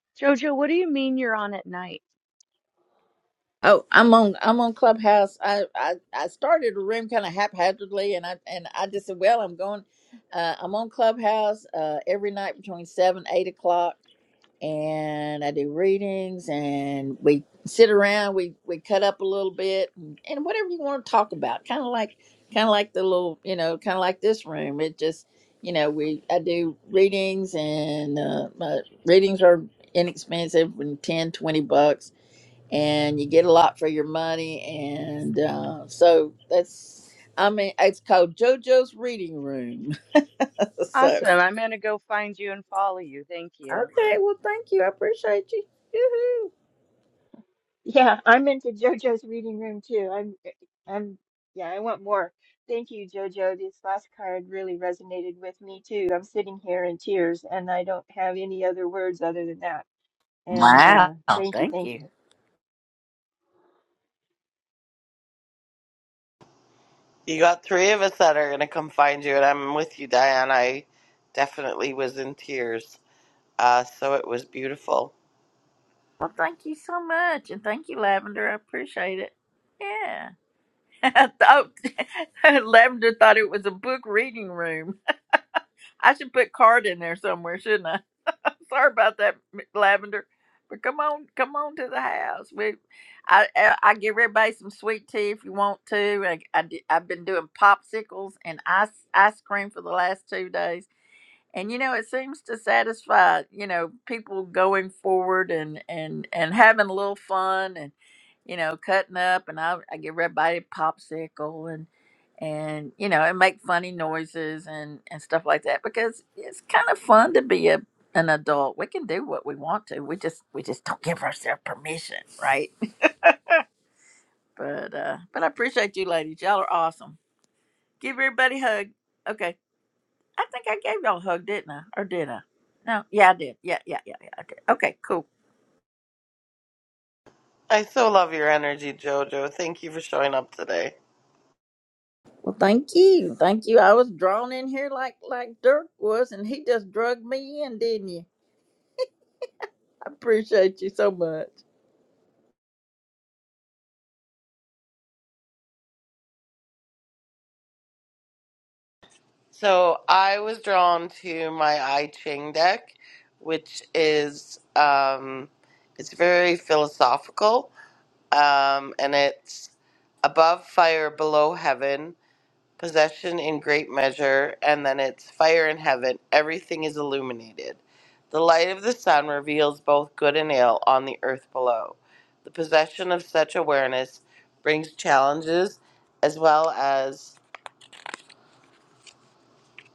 Speaker 4: Jojo, what do you mean you're on at night?
Speaker 5: Oh, I'm on I'm on Clubhouse. I I, I started a room kind of haphazardly, and I and I just said, well, I'm going. Uh, I'm on Clubhouse uh, every night between seven eight o'clock and I do readings and we sit around, we we cut up a little bit and, and whatever you want to talk about. Kind of like kind of like the little, you know, kind of like this room. It just, you know, we I do readings and uh, my readings are inexpensive and 10, 20 bucks and you get a lot for your money and uh, so that's I mean, it's called JoJo's Reading Room. so,
Speaker 4: Awesome. I'm gonna go find you and follow you. Thank you.
Speaker 5: okay, well, thank you. I appreciate you. Yoo-hoo.
Speaker 2: Yeah, I'm into JoJo's reading room too. I'm, eh, I'm, yeah, I want more. Thank you, JoJo. This last card really resonated with me too. I'm sitting here in tears, and I don't have any other words other than that. And uh,
Speaker 5: Wow.
Speaker 2: thank you,
Speaker 5: Thank
Speaker 2: thank you.
Speaker 5: you.
Speaker 1: You got three of us that are gonna come find you, and I'm with you, Diane. I definitely was in tears, uh, so it was beautiful.
Speaker 5: Well, thank you so much. And thank you, Lavender. I appreciate it. Yeah. oh, Lavender thought it was a book reading room. I should put card in there somewhere, shouldn't I? Sorry about that, M- Lavender. But come on, come on to the house. We, I, I, I give everybody some sweet tea if you want to. I, I, have been doing popsicles and ice ice cream for the last two days. and you know it seems to satisfy you know people going forward and and and having a little fun and you know cutting up and i, I give everybody a popsicle and and you know and make funny noises and and stuff like that because it's kind of fun to be a an adult we can do what we want to we just we just don't give ourselves permission right but uh but i appreciate you ladies y'all are awesome give everybody a hug okay I think I gave y'all a hug, didn't I? Or did I? No, yeah, I did. Yeah, yeah, yeah, yeah, I did. Okay, cool.
Speaker 1: I so love your energy, Jojo. Thank you for showing up today.
Speaker 5: Well, thank you, thank you. I was drawn in here like like Dirk was, and he just drugged me in, didn't you? I appreciate you so much,
Speaker 1: So I was drawn to my I Ching deck, which is um, it's very philosophical, um, and it's above fire, below heaven possession in great measure, and then it's fire in heaven. Everything is illuminated. The light of the sun reveals both good and ill on the earth below. The possession of such awareness brings challenges as well as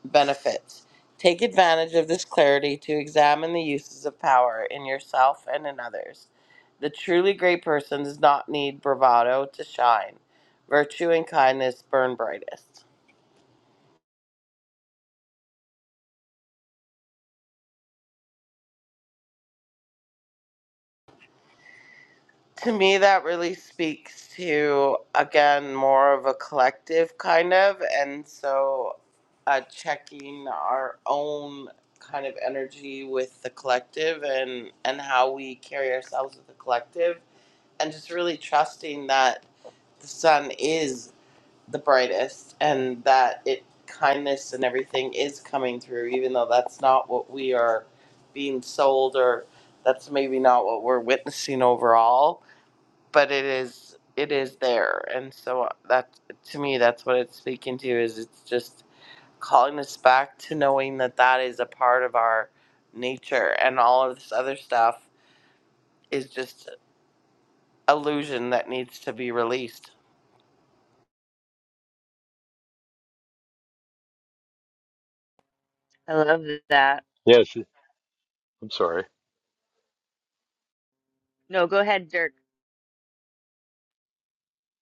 Speaker 1: benefits. Take advantage of this clarity to examine the uses of power in yourself and in others. The truly great person does not need bravado to shine. Virtue and kindness burn brightest. to me that really speaks to again more of a collective kind of and so uh, checking our own kind of energy with the collective and and how we carry ourselves with the collective and just really trusting that the sun is the brightest and that it kindness and everything is coming through even though that's not what we are being sold or that's maybe not what we're witnessing overall but it is it is there and so uh, that to me that's what it's speaking to is it's just calling us back to knowing that that is a part of our nature and all of this other stuff is just illusion that needs to be released
Speaker 4: I love that.
Speaker 3: Yes, I'm sorry.
Speaker 4: No, go ahead, Dirk.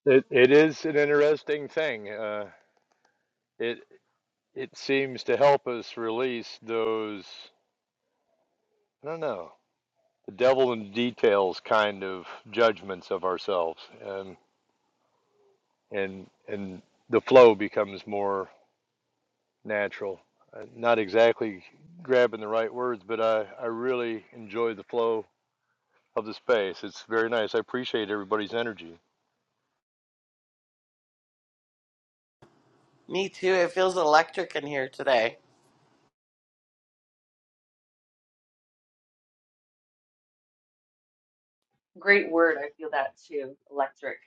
Speaker 3: It it is an interesting thing. Uh, it it seems to help us release those I don't know the devil in details kind of judgments of ourselves, and and and the flow becomes more natural. Uh, Not exactly grabbing the right words, but I I really enjoy the flow of the space. It's very nice. I appreciate everybody's energy.
Speaker 1: me too it feels electric in here today
Speaker 4: Great word. I feel that too. Electric,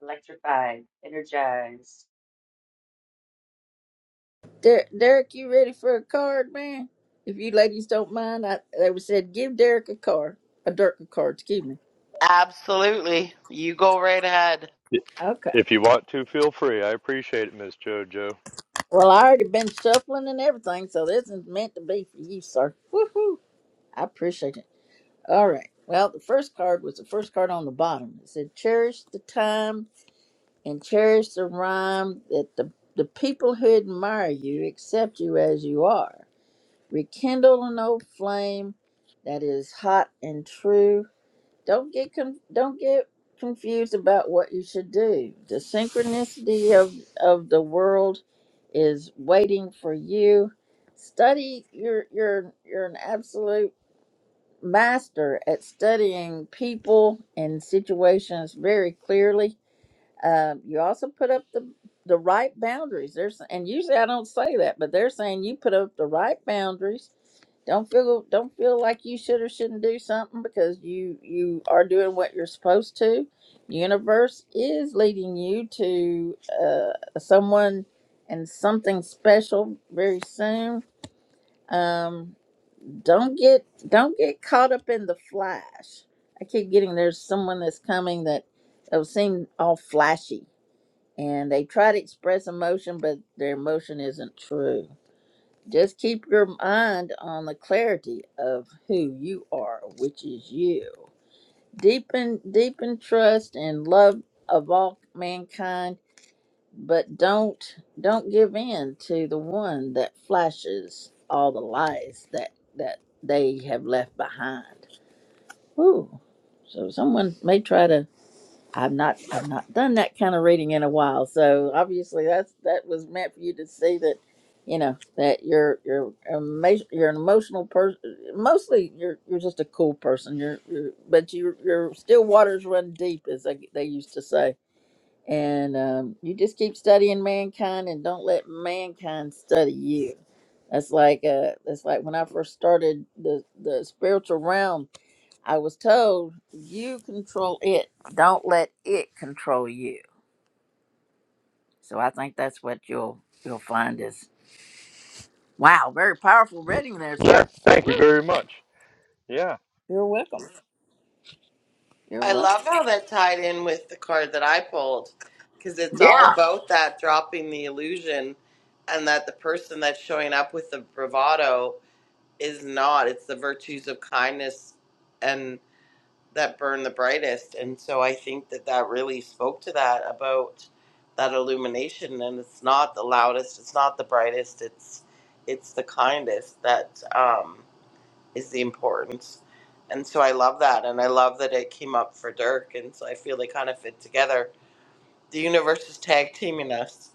Speaker 4: electrified, energized.
Speaker 5: Der- Derek. You ready for a card, man? If you ladies don't mind, I they was said give Derek a card, a Dirk a card. Excuse me.
Speaker 1: absolutely you go right ahead
Speaker 3: I-
Speaker 5: Okay.
Speaker 3: If you want to, feel free. I appreciate it, Miss JoJo.
Speaker 5: Well, I already been shuffling and everything, so this is meant to be for you, sir. Woohoo! I appreciate it. All right. Well, the first card was the first card on the bottom. It said, "Cherish the time and cherish the rhyme that the the people who admire you accept you as you are. Rekindle an old flame that is hot and true. Don't get con don't get confused about what you should do. The synchronicity of of the world is waiting for you. Study. You're you're you're an absolute." master at studying people and situations very clearly. Uh, you also put up the the right boundaries. There's and usually I don't say that, but they're saying you put up the right boundaries. Don't feel don't feel like you should or shouldn't do something because you you are doing what you're supposed to. Universe is leading you to uh, someone and something special very soon. Um, don't get don't get caught up in the flash. I keep getting there's someone that's coming that that seem all flashy and they try to express emotion but their emotion isn't true. Just keep your mind on the clarity of who you are, which is you. Deepen deepen trust and love of all mankind, but don't don't give in to the one that flashes all the lies that that they have left behind Ooh. So someone may try to I've not I've not done that kind of reading in a while. So obviously that's that was meant for you to see that you know that you're you're emo- you're an emotional person mostly you're you're just a cool person you're, you're but you you're still waters run deep as they, they used to say and um, you just keep studying mankind and don't let mankind study you that's like uh that's like when i first started the the spiritual realm I was told you control it. Don't let it control you. So I think that's what you'll you'll find is wow, very powerful reading there,
Speaker 3: Yes,
Speaker 5: sir.
Speaker 3: thank Thank you very much. Yeah.
Speaker 5: You're welcome. You're
Speaker 1: I
Speaker 5: welcome.
Speaker 1: love how that tied in with the card that I pulled because it's all
Speaker 5: Yeah.
Speaker 1: about that dropping the illusion and that the person that's showing up with the bravado is not. It's the virtues of kindness and that burn the brightest. And so I think that that really spoke to that about that illumination and it's not the loudest, it's not the brightest, it's it's the kindest that um is the importance. And so I love that. And I love that it came up for Dirk. And so I feel they kind of fit together. The universe is tag teaming us.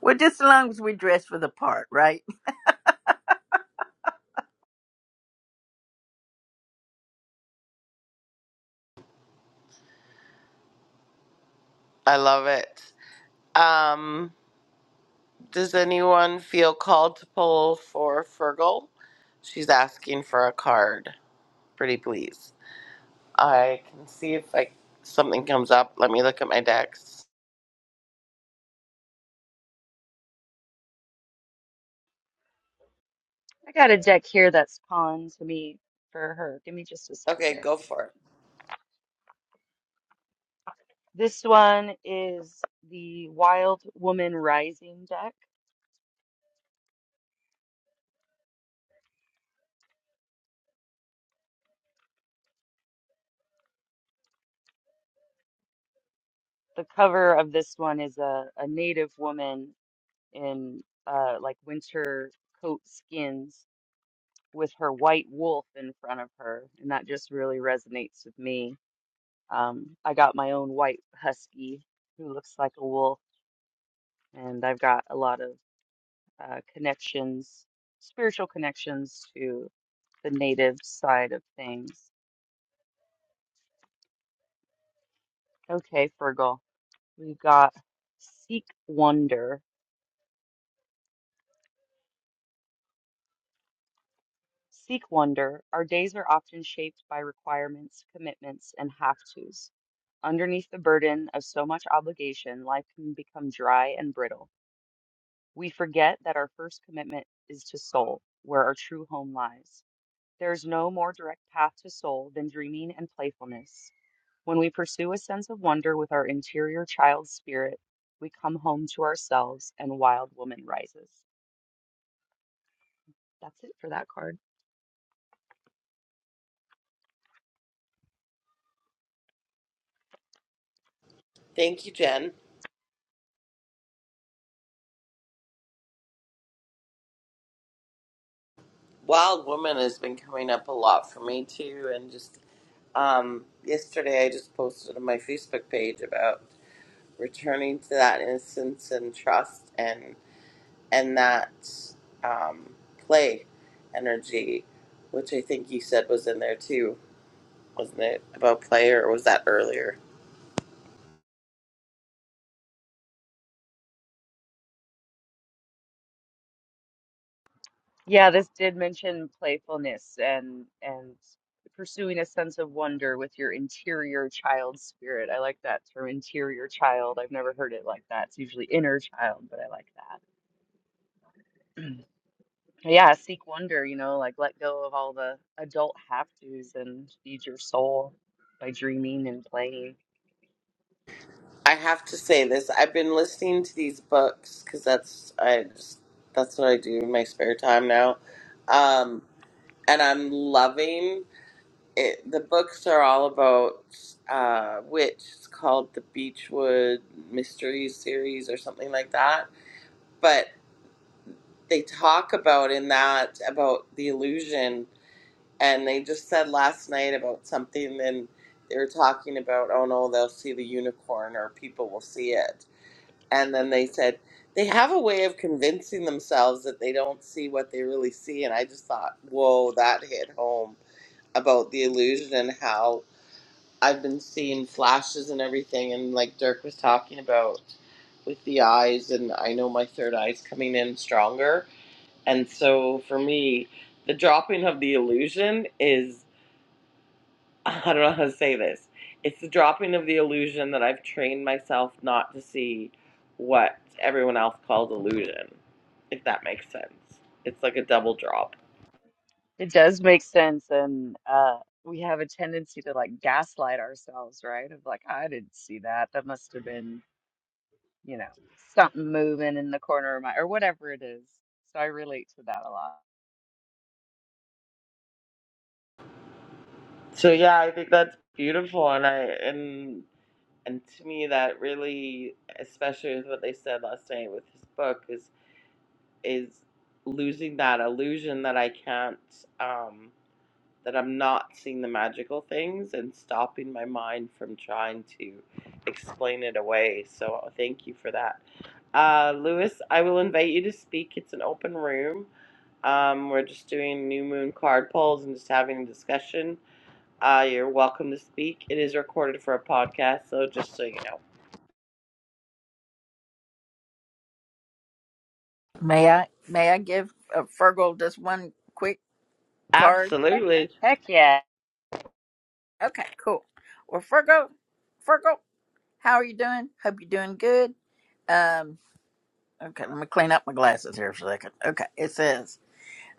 Speaker 5: Well, just as long as we dress for the part, right?
Speaker 1: I love it. Um, does anyone feel called to pull for Fergal? She's asking for a card. Pretty please. I can see if I, something comes up. Let me look at my decks.
Speaker 4: I got a deck here that's pawned to me for her. Give me just a sec
Speaker 1: Okay,
Speaker 4: here.
Speaker 1: go for it.
Speaker 4: This one is the Wild Woman Rising deck. The cover of this one is a, a native woman in uh, like winter coat skins with her white wolf in front of her. And that just really resonates with me. Um, I got my own white husky who looks like a wolf and I've got a lot of uh, connections, spiritual connections to the native side of things. Okay, Fergal, we've got seek wonder. Seek wonder. Our days are often shaped by requirements, commitments, and have tos. Underneath the burden of so much obligation, life can become dry and brittle. We forget that our first commitment is to soul, where our true home lies. There is no more direct path to soul than dreaming and playfulness. When we pursue a sense of wonder with our interior child spirit, we come home to ourselves and wild woman rises. That's it for that card.
Speaker 1: Thank you, Jen. Wild Woman has been coming up a lot for me too, and just um, yesterday I just posted on my Facebook page about returning to that innocence and trust and and that um, play energy, which I think you said was in there too, wasn't it? About play, or was that earlier?
Speaker 4: Yeah, this did mention playfulness and and pursuing a sense of wonder with your interior child spirit. I like that term interior child. I've never heard it like that. It's usually inner child, but I like that. Yeah, seek wonder, you know, like let go of all the adult have-tos and feed your soul by dreaming and playing.
Speaker 1: I have to say this: I've been listening to these books because that's I just that's what I do in my spare time now, um, and I'm loving. it, the books are all about uh, which it's called the Beechwood Mysteries series or something like that. But they talk about in that about the illusion, and they just said last night about something, and they were talking about oh no, they'll see the unicorn or people will see it, and then they said they have a way of convincing themselves that they don't see what they really see, and I just thought whoa, that hit home about the illusion and how I've been seeing flashes and everything, and like Dirk was talking about with the eyes, and I know my third eye's coming in stronger. And so for me, the dropping of the illusion is I don't know how to say this. It's the dropping of the illusion that I've trained myself not to see what everyone else calls illusion, if that makes sense. It's like a double drop.
Speaker 4: It does make sense, and uh, we have a tendency to like gaslight ourselves, right? Of like, I didn't see that. That must have been, you know, something moving in the corner of my, or whatever it is. So I relate to that a lot.
Speaker 1: So yeah, I think that's beautiful, and I and and to me that really especially with what they said last night with his book is is losing that illusion that i can't um that i'm not seeing the magical things and stopping my mind from trying to explain it away so uh, thank you for that uh lewis i will invite you to speak it's an open room um, we're just doing new moon card polls and just having a discussion. Uh, you're welcome to speak. It is recorded for a podcast, so just so you know.
Speaker 5: May I may I give uh, Fergal just one quick card?
Speaker 4: Heck,
Speaker 1: Absolutely.
Speaker 4: heck yeah.
Speaker 5: Okay, cool. Well, Fergal, Fergal, how are you doing? Hope you're doing good. Um, okay, let me clean up my glasses here for a second. Okay, it says.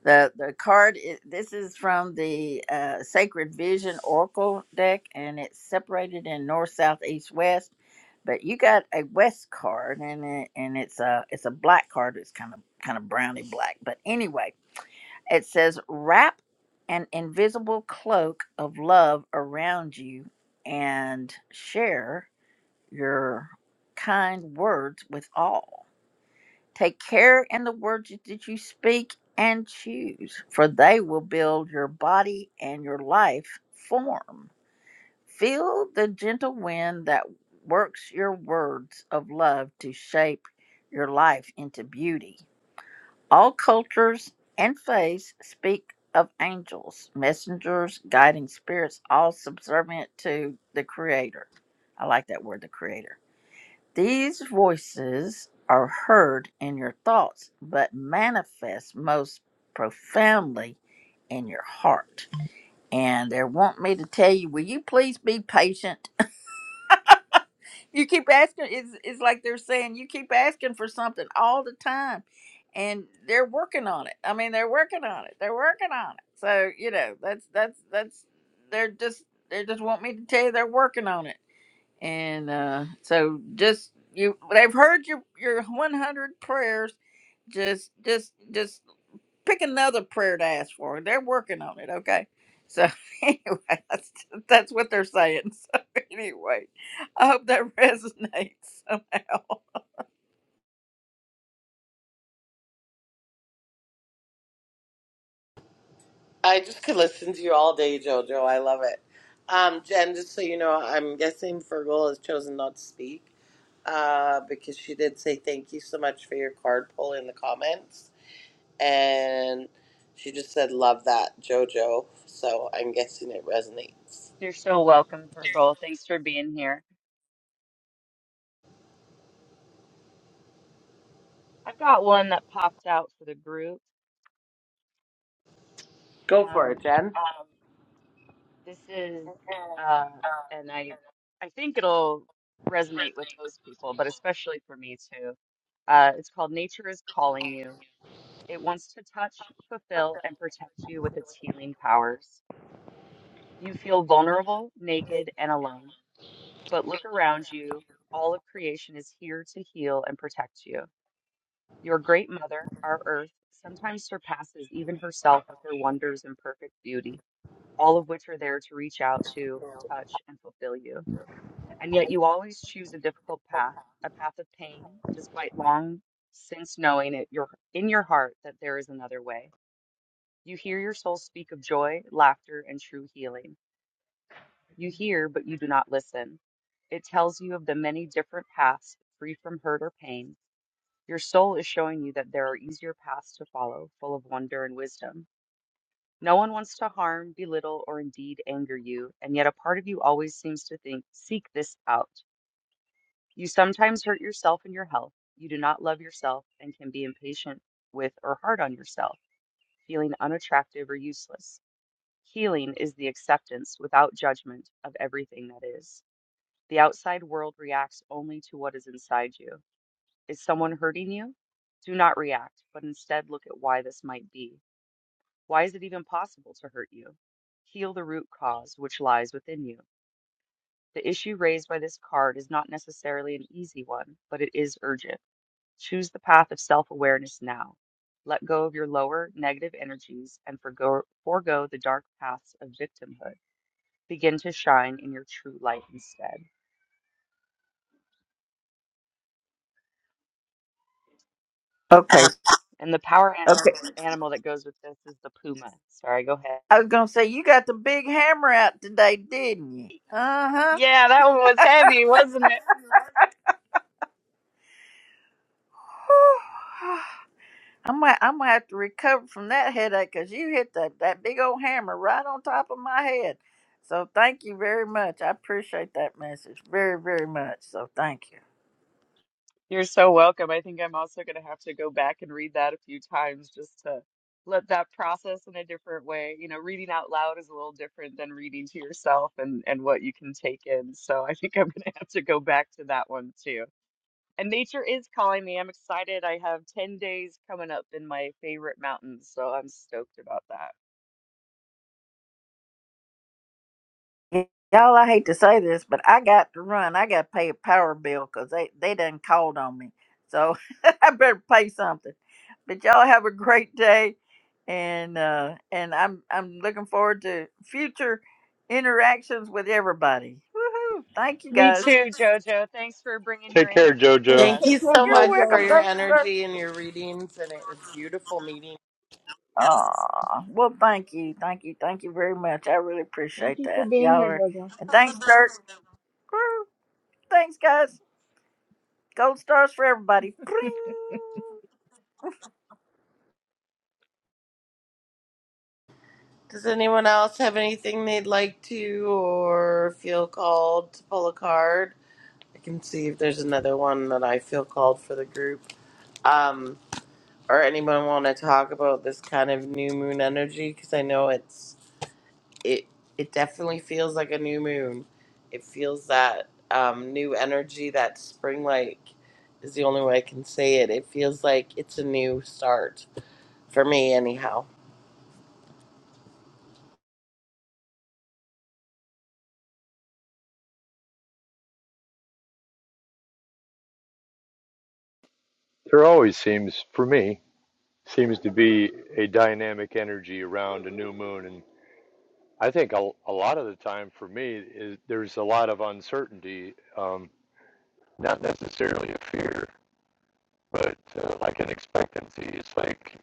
Speaker 5: The the card is, this is from the uh, Sacred Vision Oracle deck, and it's separated in north, south, east, west. But you got a west card, and it, and it's a it's a black card. It's kind of kind of browny black. But anyway, it says wrap an invisible cloak of love around you, and share your kind words with all. Take care in the words that you speak and choose, for they will build your body and your life form. Feel the gentle wind that works your words of love to shape your life into beauty. All cultures and faiths speak of angels, messengers, guiding spirits, all subservient to the Creator. I like that word, the Creator. These voices are heard in your thoughts, but manifest most profoundly in your heart. And they want me to tell you, will you please be patient? You keep asking, it's, it's like they're saying, you keep asking for something all the time. And they're working on it. I mean, they're working on it. They're working on it. So, you know, that's, that's, that's, they're just, they just want me to tell you they're working on it and uh, so just you they've heard your your 100 prayers just just just pick another prayer to ask for they're working on it okay so anyway that's, that's what they're saying so anyway i hope that resonates somehow
Speaker 1: I just could listen to you all day, Jojo. I love it. Um, Jen, just so you know, I'm guessing Fergal has chosen not to speak uh, because she did say thank you so much for your card pull in the comments. And she just said, love that, Jojo. So I'm guessing it resonates.
Speaker 4: You're so welcome, Virgo. Thanks for being here. I've got one that popped out for the group.
Speaker 1: Go for
Speaker 4: Um,
Speaker 1: it, Jen.
Speaker 4: this is, uh, and I, I think it'll resonate with most people, but especially for me too. Uh, it's called Nature is Calling You It wants to touch, fulfill, and protect you with its healing powers. You feel vulnerable, naked, and alone, but look around you. All of creation is here to heal and protect you. Your great mother, our earth, sometimes surpasses even herself with her wonders and perfect beauty, all of which are there to reach out to, touch, and fulfill you. And yet you always choose a difficult path, a path of pain, despite long since knowing it your in your heart that there is another way. You hear your soul speak of joy, laughter, and true healing. You hear, but you do not listen. It tells you of the many different paths free from hurt or pain. Your soul is showing you that there are easier paths to follow, full of wonder and wisdom. No one wants to harm, belittle, or indeed anger you, and yet a part of you always seems to think, seek this out. You sometimes hurt yourself and your health. You do not love yourself and can be impatient with or hard on yourself, feeling unattractive or useless. Healing is the acceptance without judgment of everything that is. The outside world reacts only to what is inside you. Is someone hurting you? Do not react, but instead look at why this might be. Why is it even possible to hurt you? Heal the root cause which lies within you. The issue raised by this card is not necessarily an easy one, but it is urgent. Choose the path of self awareness now. Let go of your lower negative energies and forgo, forego the dark paths of victimhood begin to shine in your true light instead.
Speaker 5: okay
Speaker 4: And the power
Speaker 5: okay
Speaker 4: an- animal that goes with this is the puma. Sorry, go ahead.
Speaker 5: i was gonna say you got the big hammer out today didn't you uh-huh
Speaker 4: Yeah, that one was heavy, wasn't it?
Speaker 5: I'm gonna, I'm gonna have to recover from that headache because you hit that, that big old hammer right on top of my head. So thank you very much. I appreciate that message very, very much. So thank you.
Speaker 4: You're so welcome. I think I'm also going to have to go back and read that a few times just to let that process in a different way. You know, reading out loud is a little different than reading to yourself and and what you can take in. So I think I'm going to have to go back to that one too. And nature is calling me. I'm excited. I have 10 days coming up in my favorite mountains, so I'm stoked about that.
Speaker 5: Y- Y'all, I hate to say this, but I got to run. I got to pay a power bill because they, they done called on me. So I better pay something. But y'all have a great day. And uh, and I'm I'm looking forward to future interactions with everybody. Woohoo! Thank you
Speaker 4: Me
Speaker 5: guys.
Speaker 4: too, Jojo. Thanks for bringing
Speaker 3: Take
Speaker 4: your
Speaker 3: care,
Speaker 4: energy for
Speaker 2: Thank,
Speaker 3: Jojo.
Speaker 4: us.
Speaker 1: Thank
Speaker 2: take
Speaker 1: you
Speaker 2: care,
Speaker 1: so
Speaker 5: You're
Speaker 1: much
Speaker 2: JoJo.
Speaker 1: for
Speaker 5: welcome.
Speaker 1: your
Speaker 5: Thank you, sir.
Speaker 1: energy and your readings. And it was beautiful meeting
Speaker 5: Ah, well, thank you, thank you, thank you very much. I really
Speaker 2: Thank
Speaker 5: appreciate
Speaker 2: you for
Speaker 5: that,
Speaker 2: being
Speaker 5: y'all
Speaker 2: here,
Speaker 5: are.
Speaker 2: JoJo.
Speaker 5: And thanks, Dirk. Woo. Thanks, guys. Gold stars for everybody. Pring.
Speaker 1: Does anyone else have anything they'd like to or feel called to pull a card? I can see if there's another one that I feel called for the group. Um, or anyone want to talk about this kind of new moon energy? Because I know it's it it definitely feels like a new moon. It feels that um, new energy, that spring like is the only way I can say it. It feels like it's a new start for me, anyhow.
Speaker 3: There always seems, for me, seems to be a dynamic energy around a new moon, and I think a, a lot of the time for me is there's a lot of uncertainty, um, not necessarily a fear, but uh, like an expectancy. It's like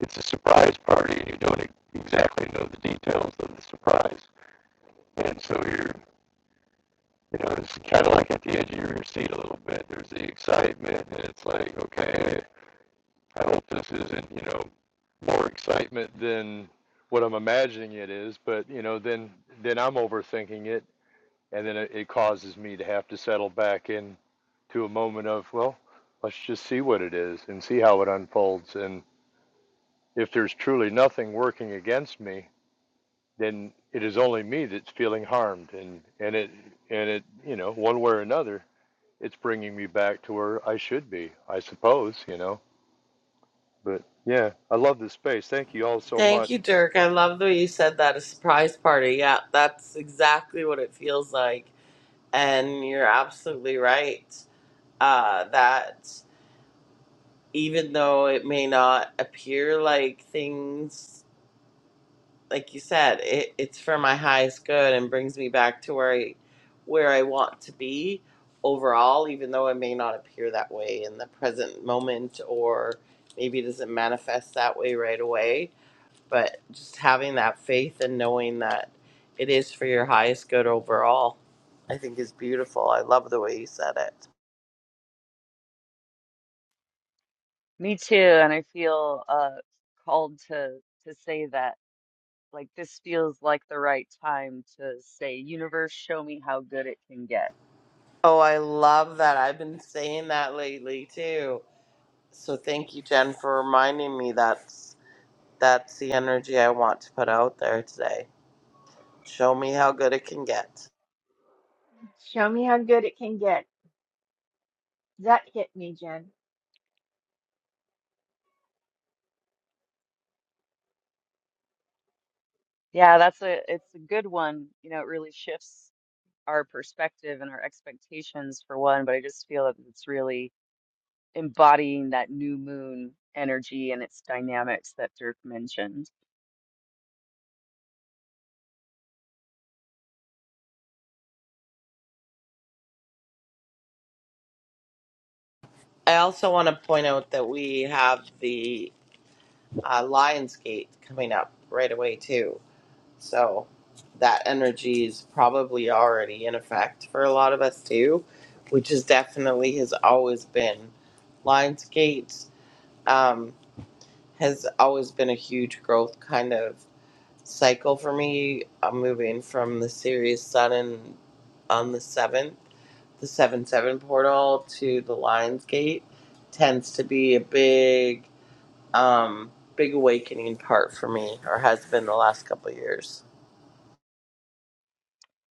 Speaker 3: it's a surprise party, and you don't e- exactly know the details of the surprise, and so you're. You know, it's kind of like at the edge of your seat a little bit. There's the excitement, and it's like, okay, I hope this isn't, you know, more excitement than what I'm imagining it is, but you know, then then I'm overthinking it, and then it, it causes me to have to settle back into a moment of, well, let's just see what it is and see how it unfolds, and if there's truly nothing working against me, then it is only me that's feeling harmed, and and it and it, you know, one way or another, it's bringing me back to where I should be, I suppose, you know. But yeah, I love this space. Thank you all so
Speaker 1: Thank
Speaker 3: much.
Speaker 1: you, Dirk. I love the way you said that a surprise party. Yeah, that's exactly what it feels like. And you're absolutely right. Uh, that even though it may not appear like things, like you said, it, it's for my highest good and brings me back to where I, where I want to be overall, even though it may not appear that way in the present moment or maybe it doesn't manifest that way right away but just having that faith and knowing that it is for your highest good overall, I think is beautiful. I love the way you said it.
Speaker 4: Me too, and I feel uh called to to say that like this feels like the right time to say, universe, show me how good it can get.
Speaker 1: Oh, I love that. I've been saying that lately too. So thank you, Jen, for reminding me that's that's the energy I want to put out there today. Show me how good it can get.
Speaker 2: Show me how good it can get. That hit me, Jen.
Speaker 4: Yeah, that's a it's a good one. You know, it really shifts our perspective and our expectations for one, but I just feel that it's really embodying that new moon energy and its dynamics that Dirk mentioned.
Speaker 1: I also want to point out that we have the uh, Lionsgate coming up right away too. So that energy is probably already in effect for a lot of us too, which is definitely has always been. Lionsgate um, has always been a huge growth kind of cycle for me. I'm moving from the Sirius Sun and on the seventh, the seven seven portal to the Lionsgate tends to be a big, um, big awakening part for me, or has been the last couple of years.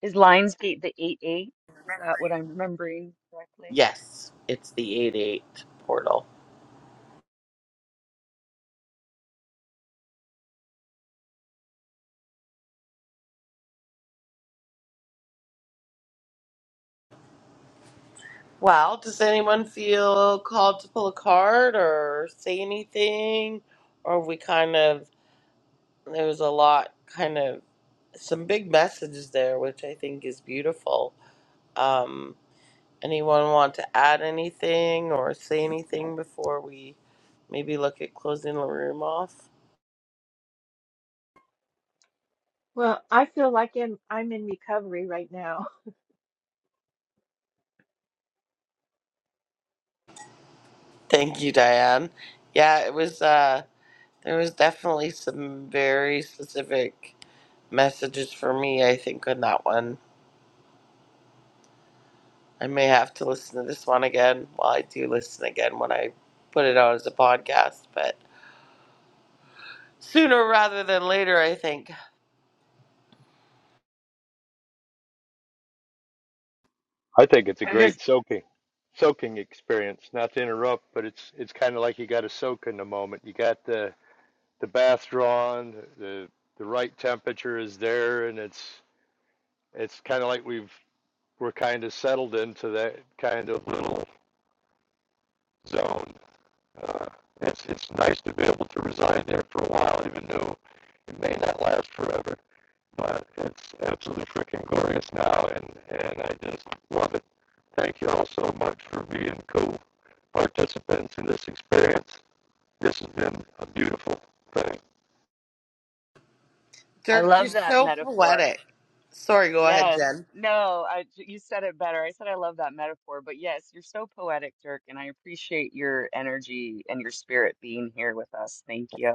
Speaker 4: Is Lionsgate the 8 8? Is that what I'm remembering correctly?
Speaker 1: Yes, it's the eight eight portal. Well, does anyone feel called to pull a card or say anything? Or we kind of, there was a lot, kind of, some big messages there, which I think is beautiful. Um, anyone want to add anything or say anything before we maybe look at closing the room off?
Speaker 2: Well, I feel like I'm, I'm in recovery right now.
Speaker 1: Thank you, Diane. Yeah, it was, uh, there was definitely some very specific messages for me, I think, on that one. I may have to listen to this one again. Well, I do listen again when I put it out as a podcast, but sooner rather than later, I think.
Speaker 3: I think it's a
Speaker 4: I just,
Speaker 3: great soaking soaking experience. Not to interrupt, but it's it's kind of like you got to soak in the moment. You got the the bath drawn, the the right temperature is there, and it's it's kind of like we've we're kind of settled into that kind of little zone. Uh, it's it's nice to be able to reside there for a while, even though it may not last forever. but it's absolutely freaking glorious now, and and I just want to thank you all so much for being co-participants in this experience. This has been a beautiful thing.
Speaker 4: I
Speaker 1: Dirk, you're
Speaker 4: love that
Speaker 1: so
Speaker 4: metaphor.
Speaker 1: poetic. Sorry, go ahead,
Speaker 4: Yes.
Speaker 1: Jen.
Speaker 4: No, I, you said it better. I said I love that metaphor, but yes, you're so poetic, Dirk, and I appreciate your energy and your spirit being here with us. Thank you.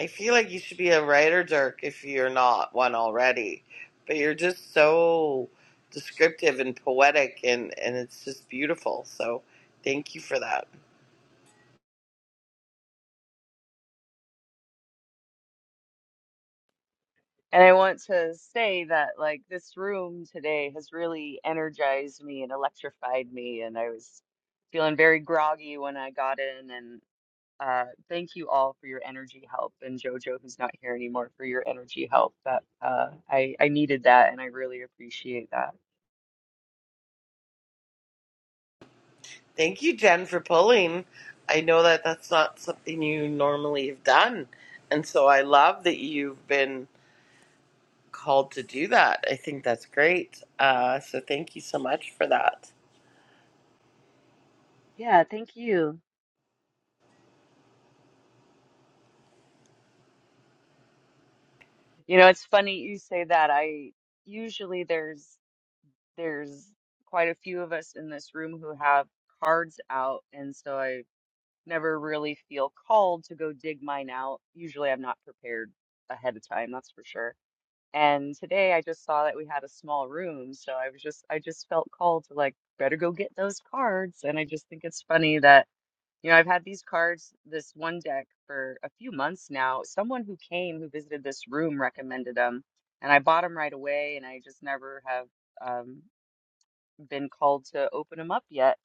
Speaker 1: I feel like you should be a writer, Dirk, if you're not one already. But you're just so descriptive and poetic, and, and it's just beautiful. So thank you for that.
Speaker 4: And I want to say that, like, this room today has really energized me and electrified me. And I was feeling very groggy when I got in. And uh, thank you all for your energy help. And JoJo, who's not here anymore, for your energy help. That uh, I, I needed that, and I really appreciate that.
Speaker 1: Thank you, Jen, for pulling. I know that that's not something you normally have done. And so I love that you've been called to do that. I think that's great. Uh, so thank you so much for that.
Speaker 4: Yeah, thank you. You know, it's funny you say that. I usually there's there's quite a few of us in this room who have cards out, and so I never really feel called to go dig mine out. Usually I'm not prepared ahead of time, that's for sure. And today I just saw that we had a small room, so I was just I just felt called to like better go get those cards. And I just think it's funny that you know I've had these cards, this one deck for a few months now. Someone who came who visited this room recommended them, and I bought them right away, and I just never have um, been called to open them up yet.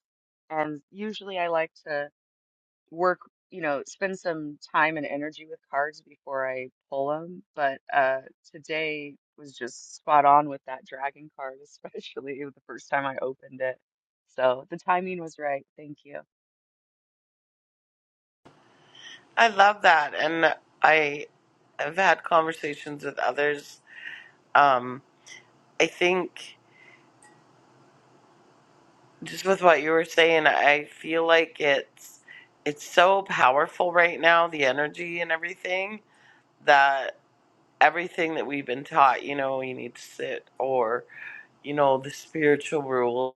Speaker 4: And usually I like to work, you know, spend some time and energy with cards before I pull them. But uh, today was just spot on with that dragon card, especially the first time I opened it. So the timing was right. Thank you.
Speaker 1: I love that. And I, have had conversations with others. Um, I think just with what you were saying, I feel like it's, it's so powerful right now, the energy and everything that everything that we've been taught, you know, you need to sit or, you know, the spiritual rule,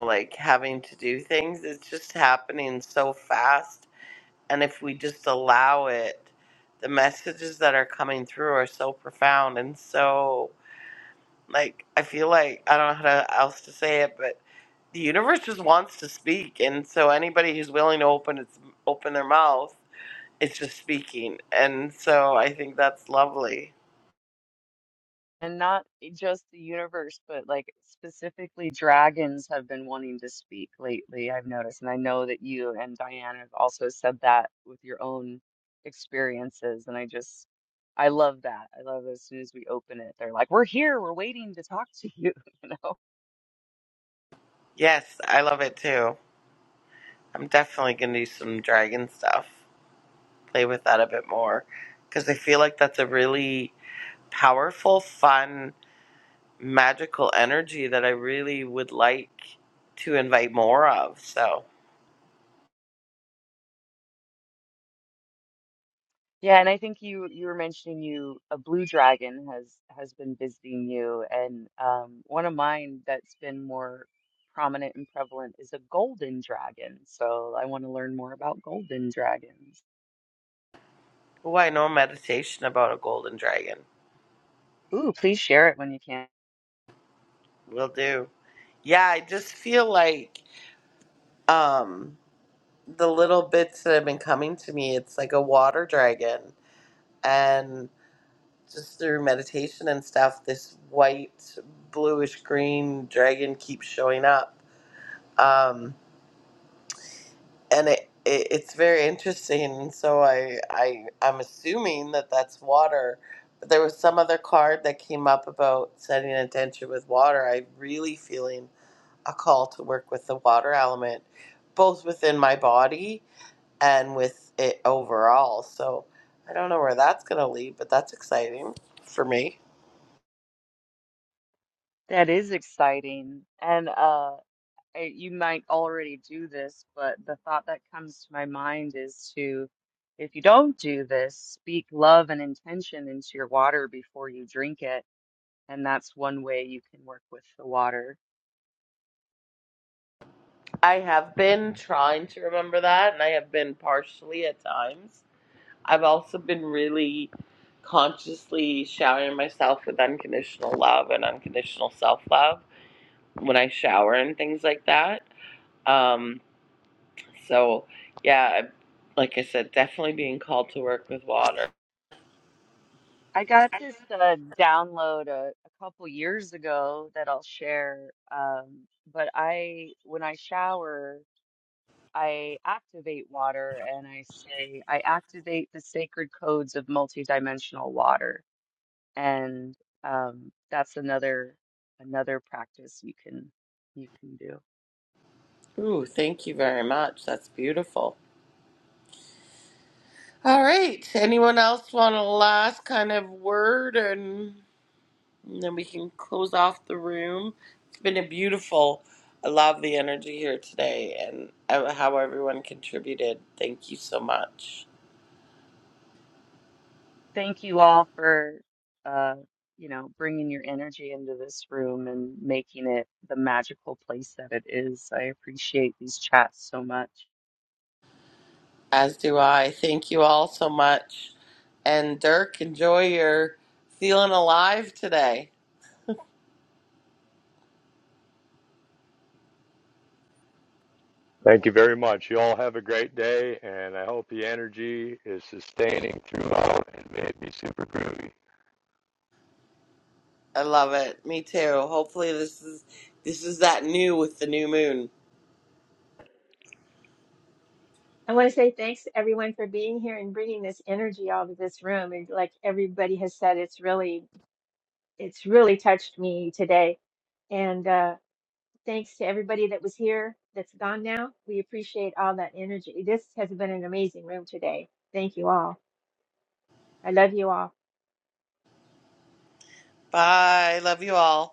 Speaker 1: like having to do things, it's just happening so fast. And if we just allow it, the messages that are coming through are so profound and so, like, I feel like, I don't know how to, else to say it, but the universe just wants to speak. And so anybody who's willing to open its, open their mouth, it's just speaking. And so I think that's lovely.
Speaker 4: And not just the universe, but like specifically dragons have been wanting to speak lately, I've noticed. And I know that you and Diane have also said that with your own experiences. And I just, I love that. I love as soon as we open it, they're like, we're here, we're waiting to talk to you, you know?
Speaker 1: Yes, I love it too. I'm definitely gonna do some dragon stuff. Play with that a bit more, because I feel like that's a really powerful, fun, magical energy that I really would like to invite more of. So,
Speaker 4: Yeah, and I think you you were mentioning you a blue dragon has has been visiting you, and um, one of mine that's been more prominent and prevalent is a golden dragon. So I want to learn more about golden dragons.
Speaker 1: oh, I know a meditation about a golden dragon.
Speaker 4: Ooh, please share it when you can.
Speaker 1: Will do. Yeah, I just feel like um, the little bits that have been coming to me. It's like a water dragon, and. just through meditation and stuff, this white, bluish green dragon keeps showing up, um, and it, it it's very interesting. And so I I I'm assuming that that's water. But there was some other card that came up about setting intention with water. I am really feeling a call to work with the water element, both within my body and with it overall. So I don't know where that's gonna lead, but that's exciting for me.
Speaker 4: That is exciting, and uh, I, you might already do this, but the thought that comes to my mind is to, if you don't do this, speak love and intention into your water before you drink it and that's one way you can work with the water.
Speaker 1: I have been trying to remember that, and I have been partially at times. I've also been really consciously showering myself with unconditional love and unconditional self love when I shower and things like that. Um, so, yeah, like I said, definitely being called to work with water.
Speaker 4: I got this uh, download a, a couple years ago that I'll share. Um, but I, when I shower, I activate water and I say, I activate the sacred codes of multidimensional water. And um, that's another another practice you can you can do.
Speaker 1: Ooh, thank you very much. That's beautiful. All right. Anyone else want a last kind of word and? And then we can close off the room. It's been a beautiful. I love the energy here today and uh, how everyone contributed. Thank you so much.
Speaker 4: thank you all for uh you know bringing your energy into this room and making it the magical place that it is i appreciate these chats so much
Speaker 1: As do I. Thank you all so much. And Dirk, enjoy your feeling alive today.
Speaker 3: Thank you very much. You all have a great day, and I hope the energy is sustaining throughout and may it be super groovy.
Speaker 1: I love it. Me too. Hopefully this is this is that new with the new moon.
Speaker 2: I want to say thanks to everyone for being here and bringing this energy out of this room. And like everybody has said, it's really, it's really touched me today. And uh, thanks to everybody that was here that's gone now. We appreciate all that energy. This has been an amazing room today. Thank you all. I love you all.
Speaker 1: Bye. Love you all.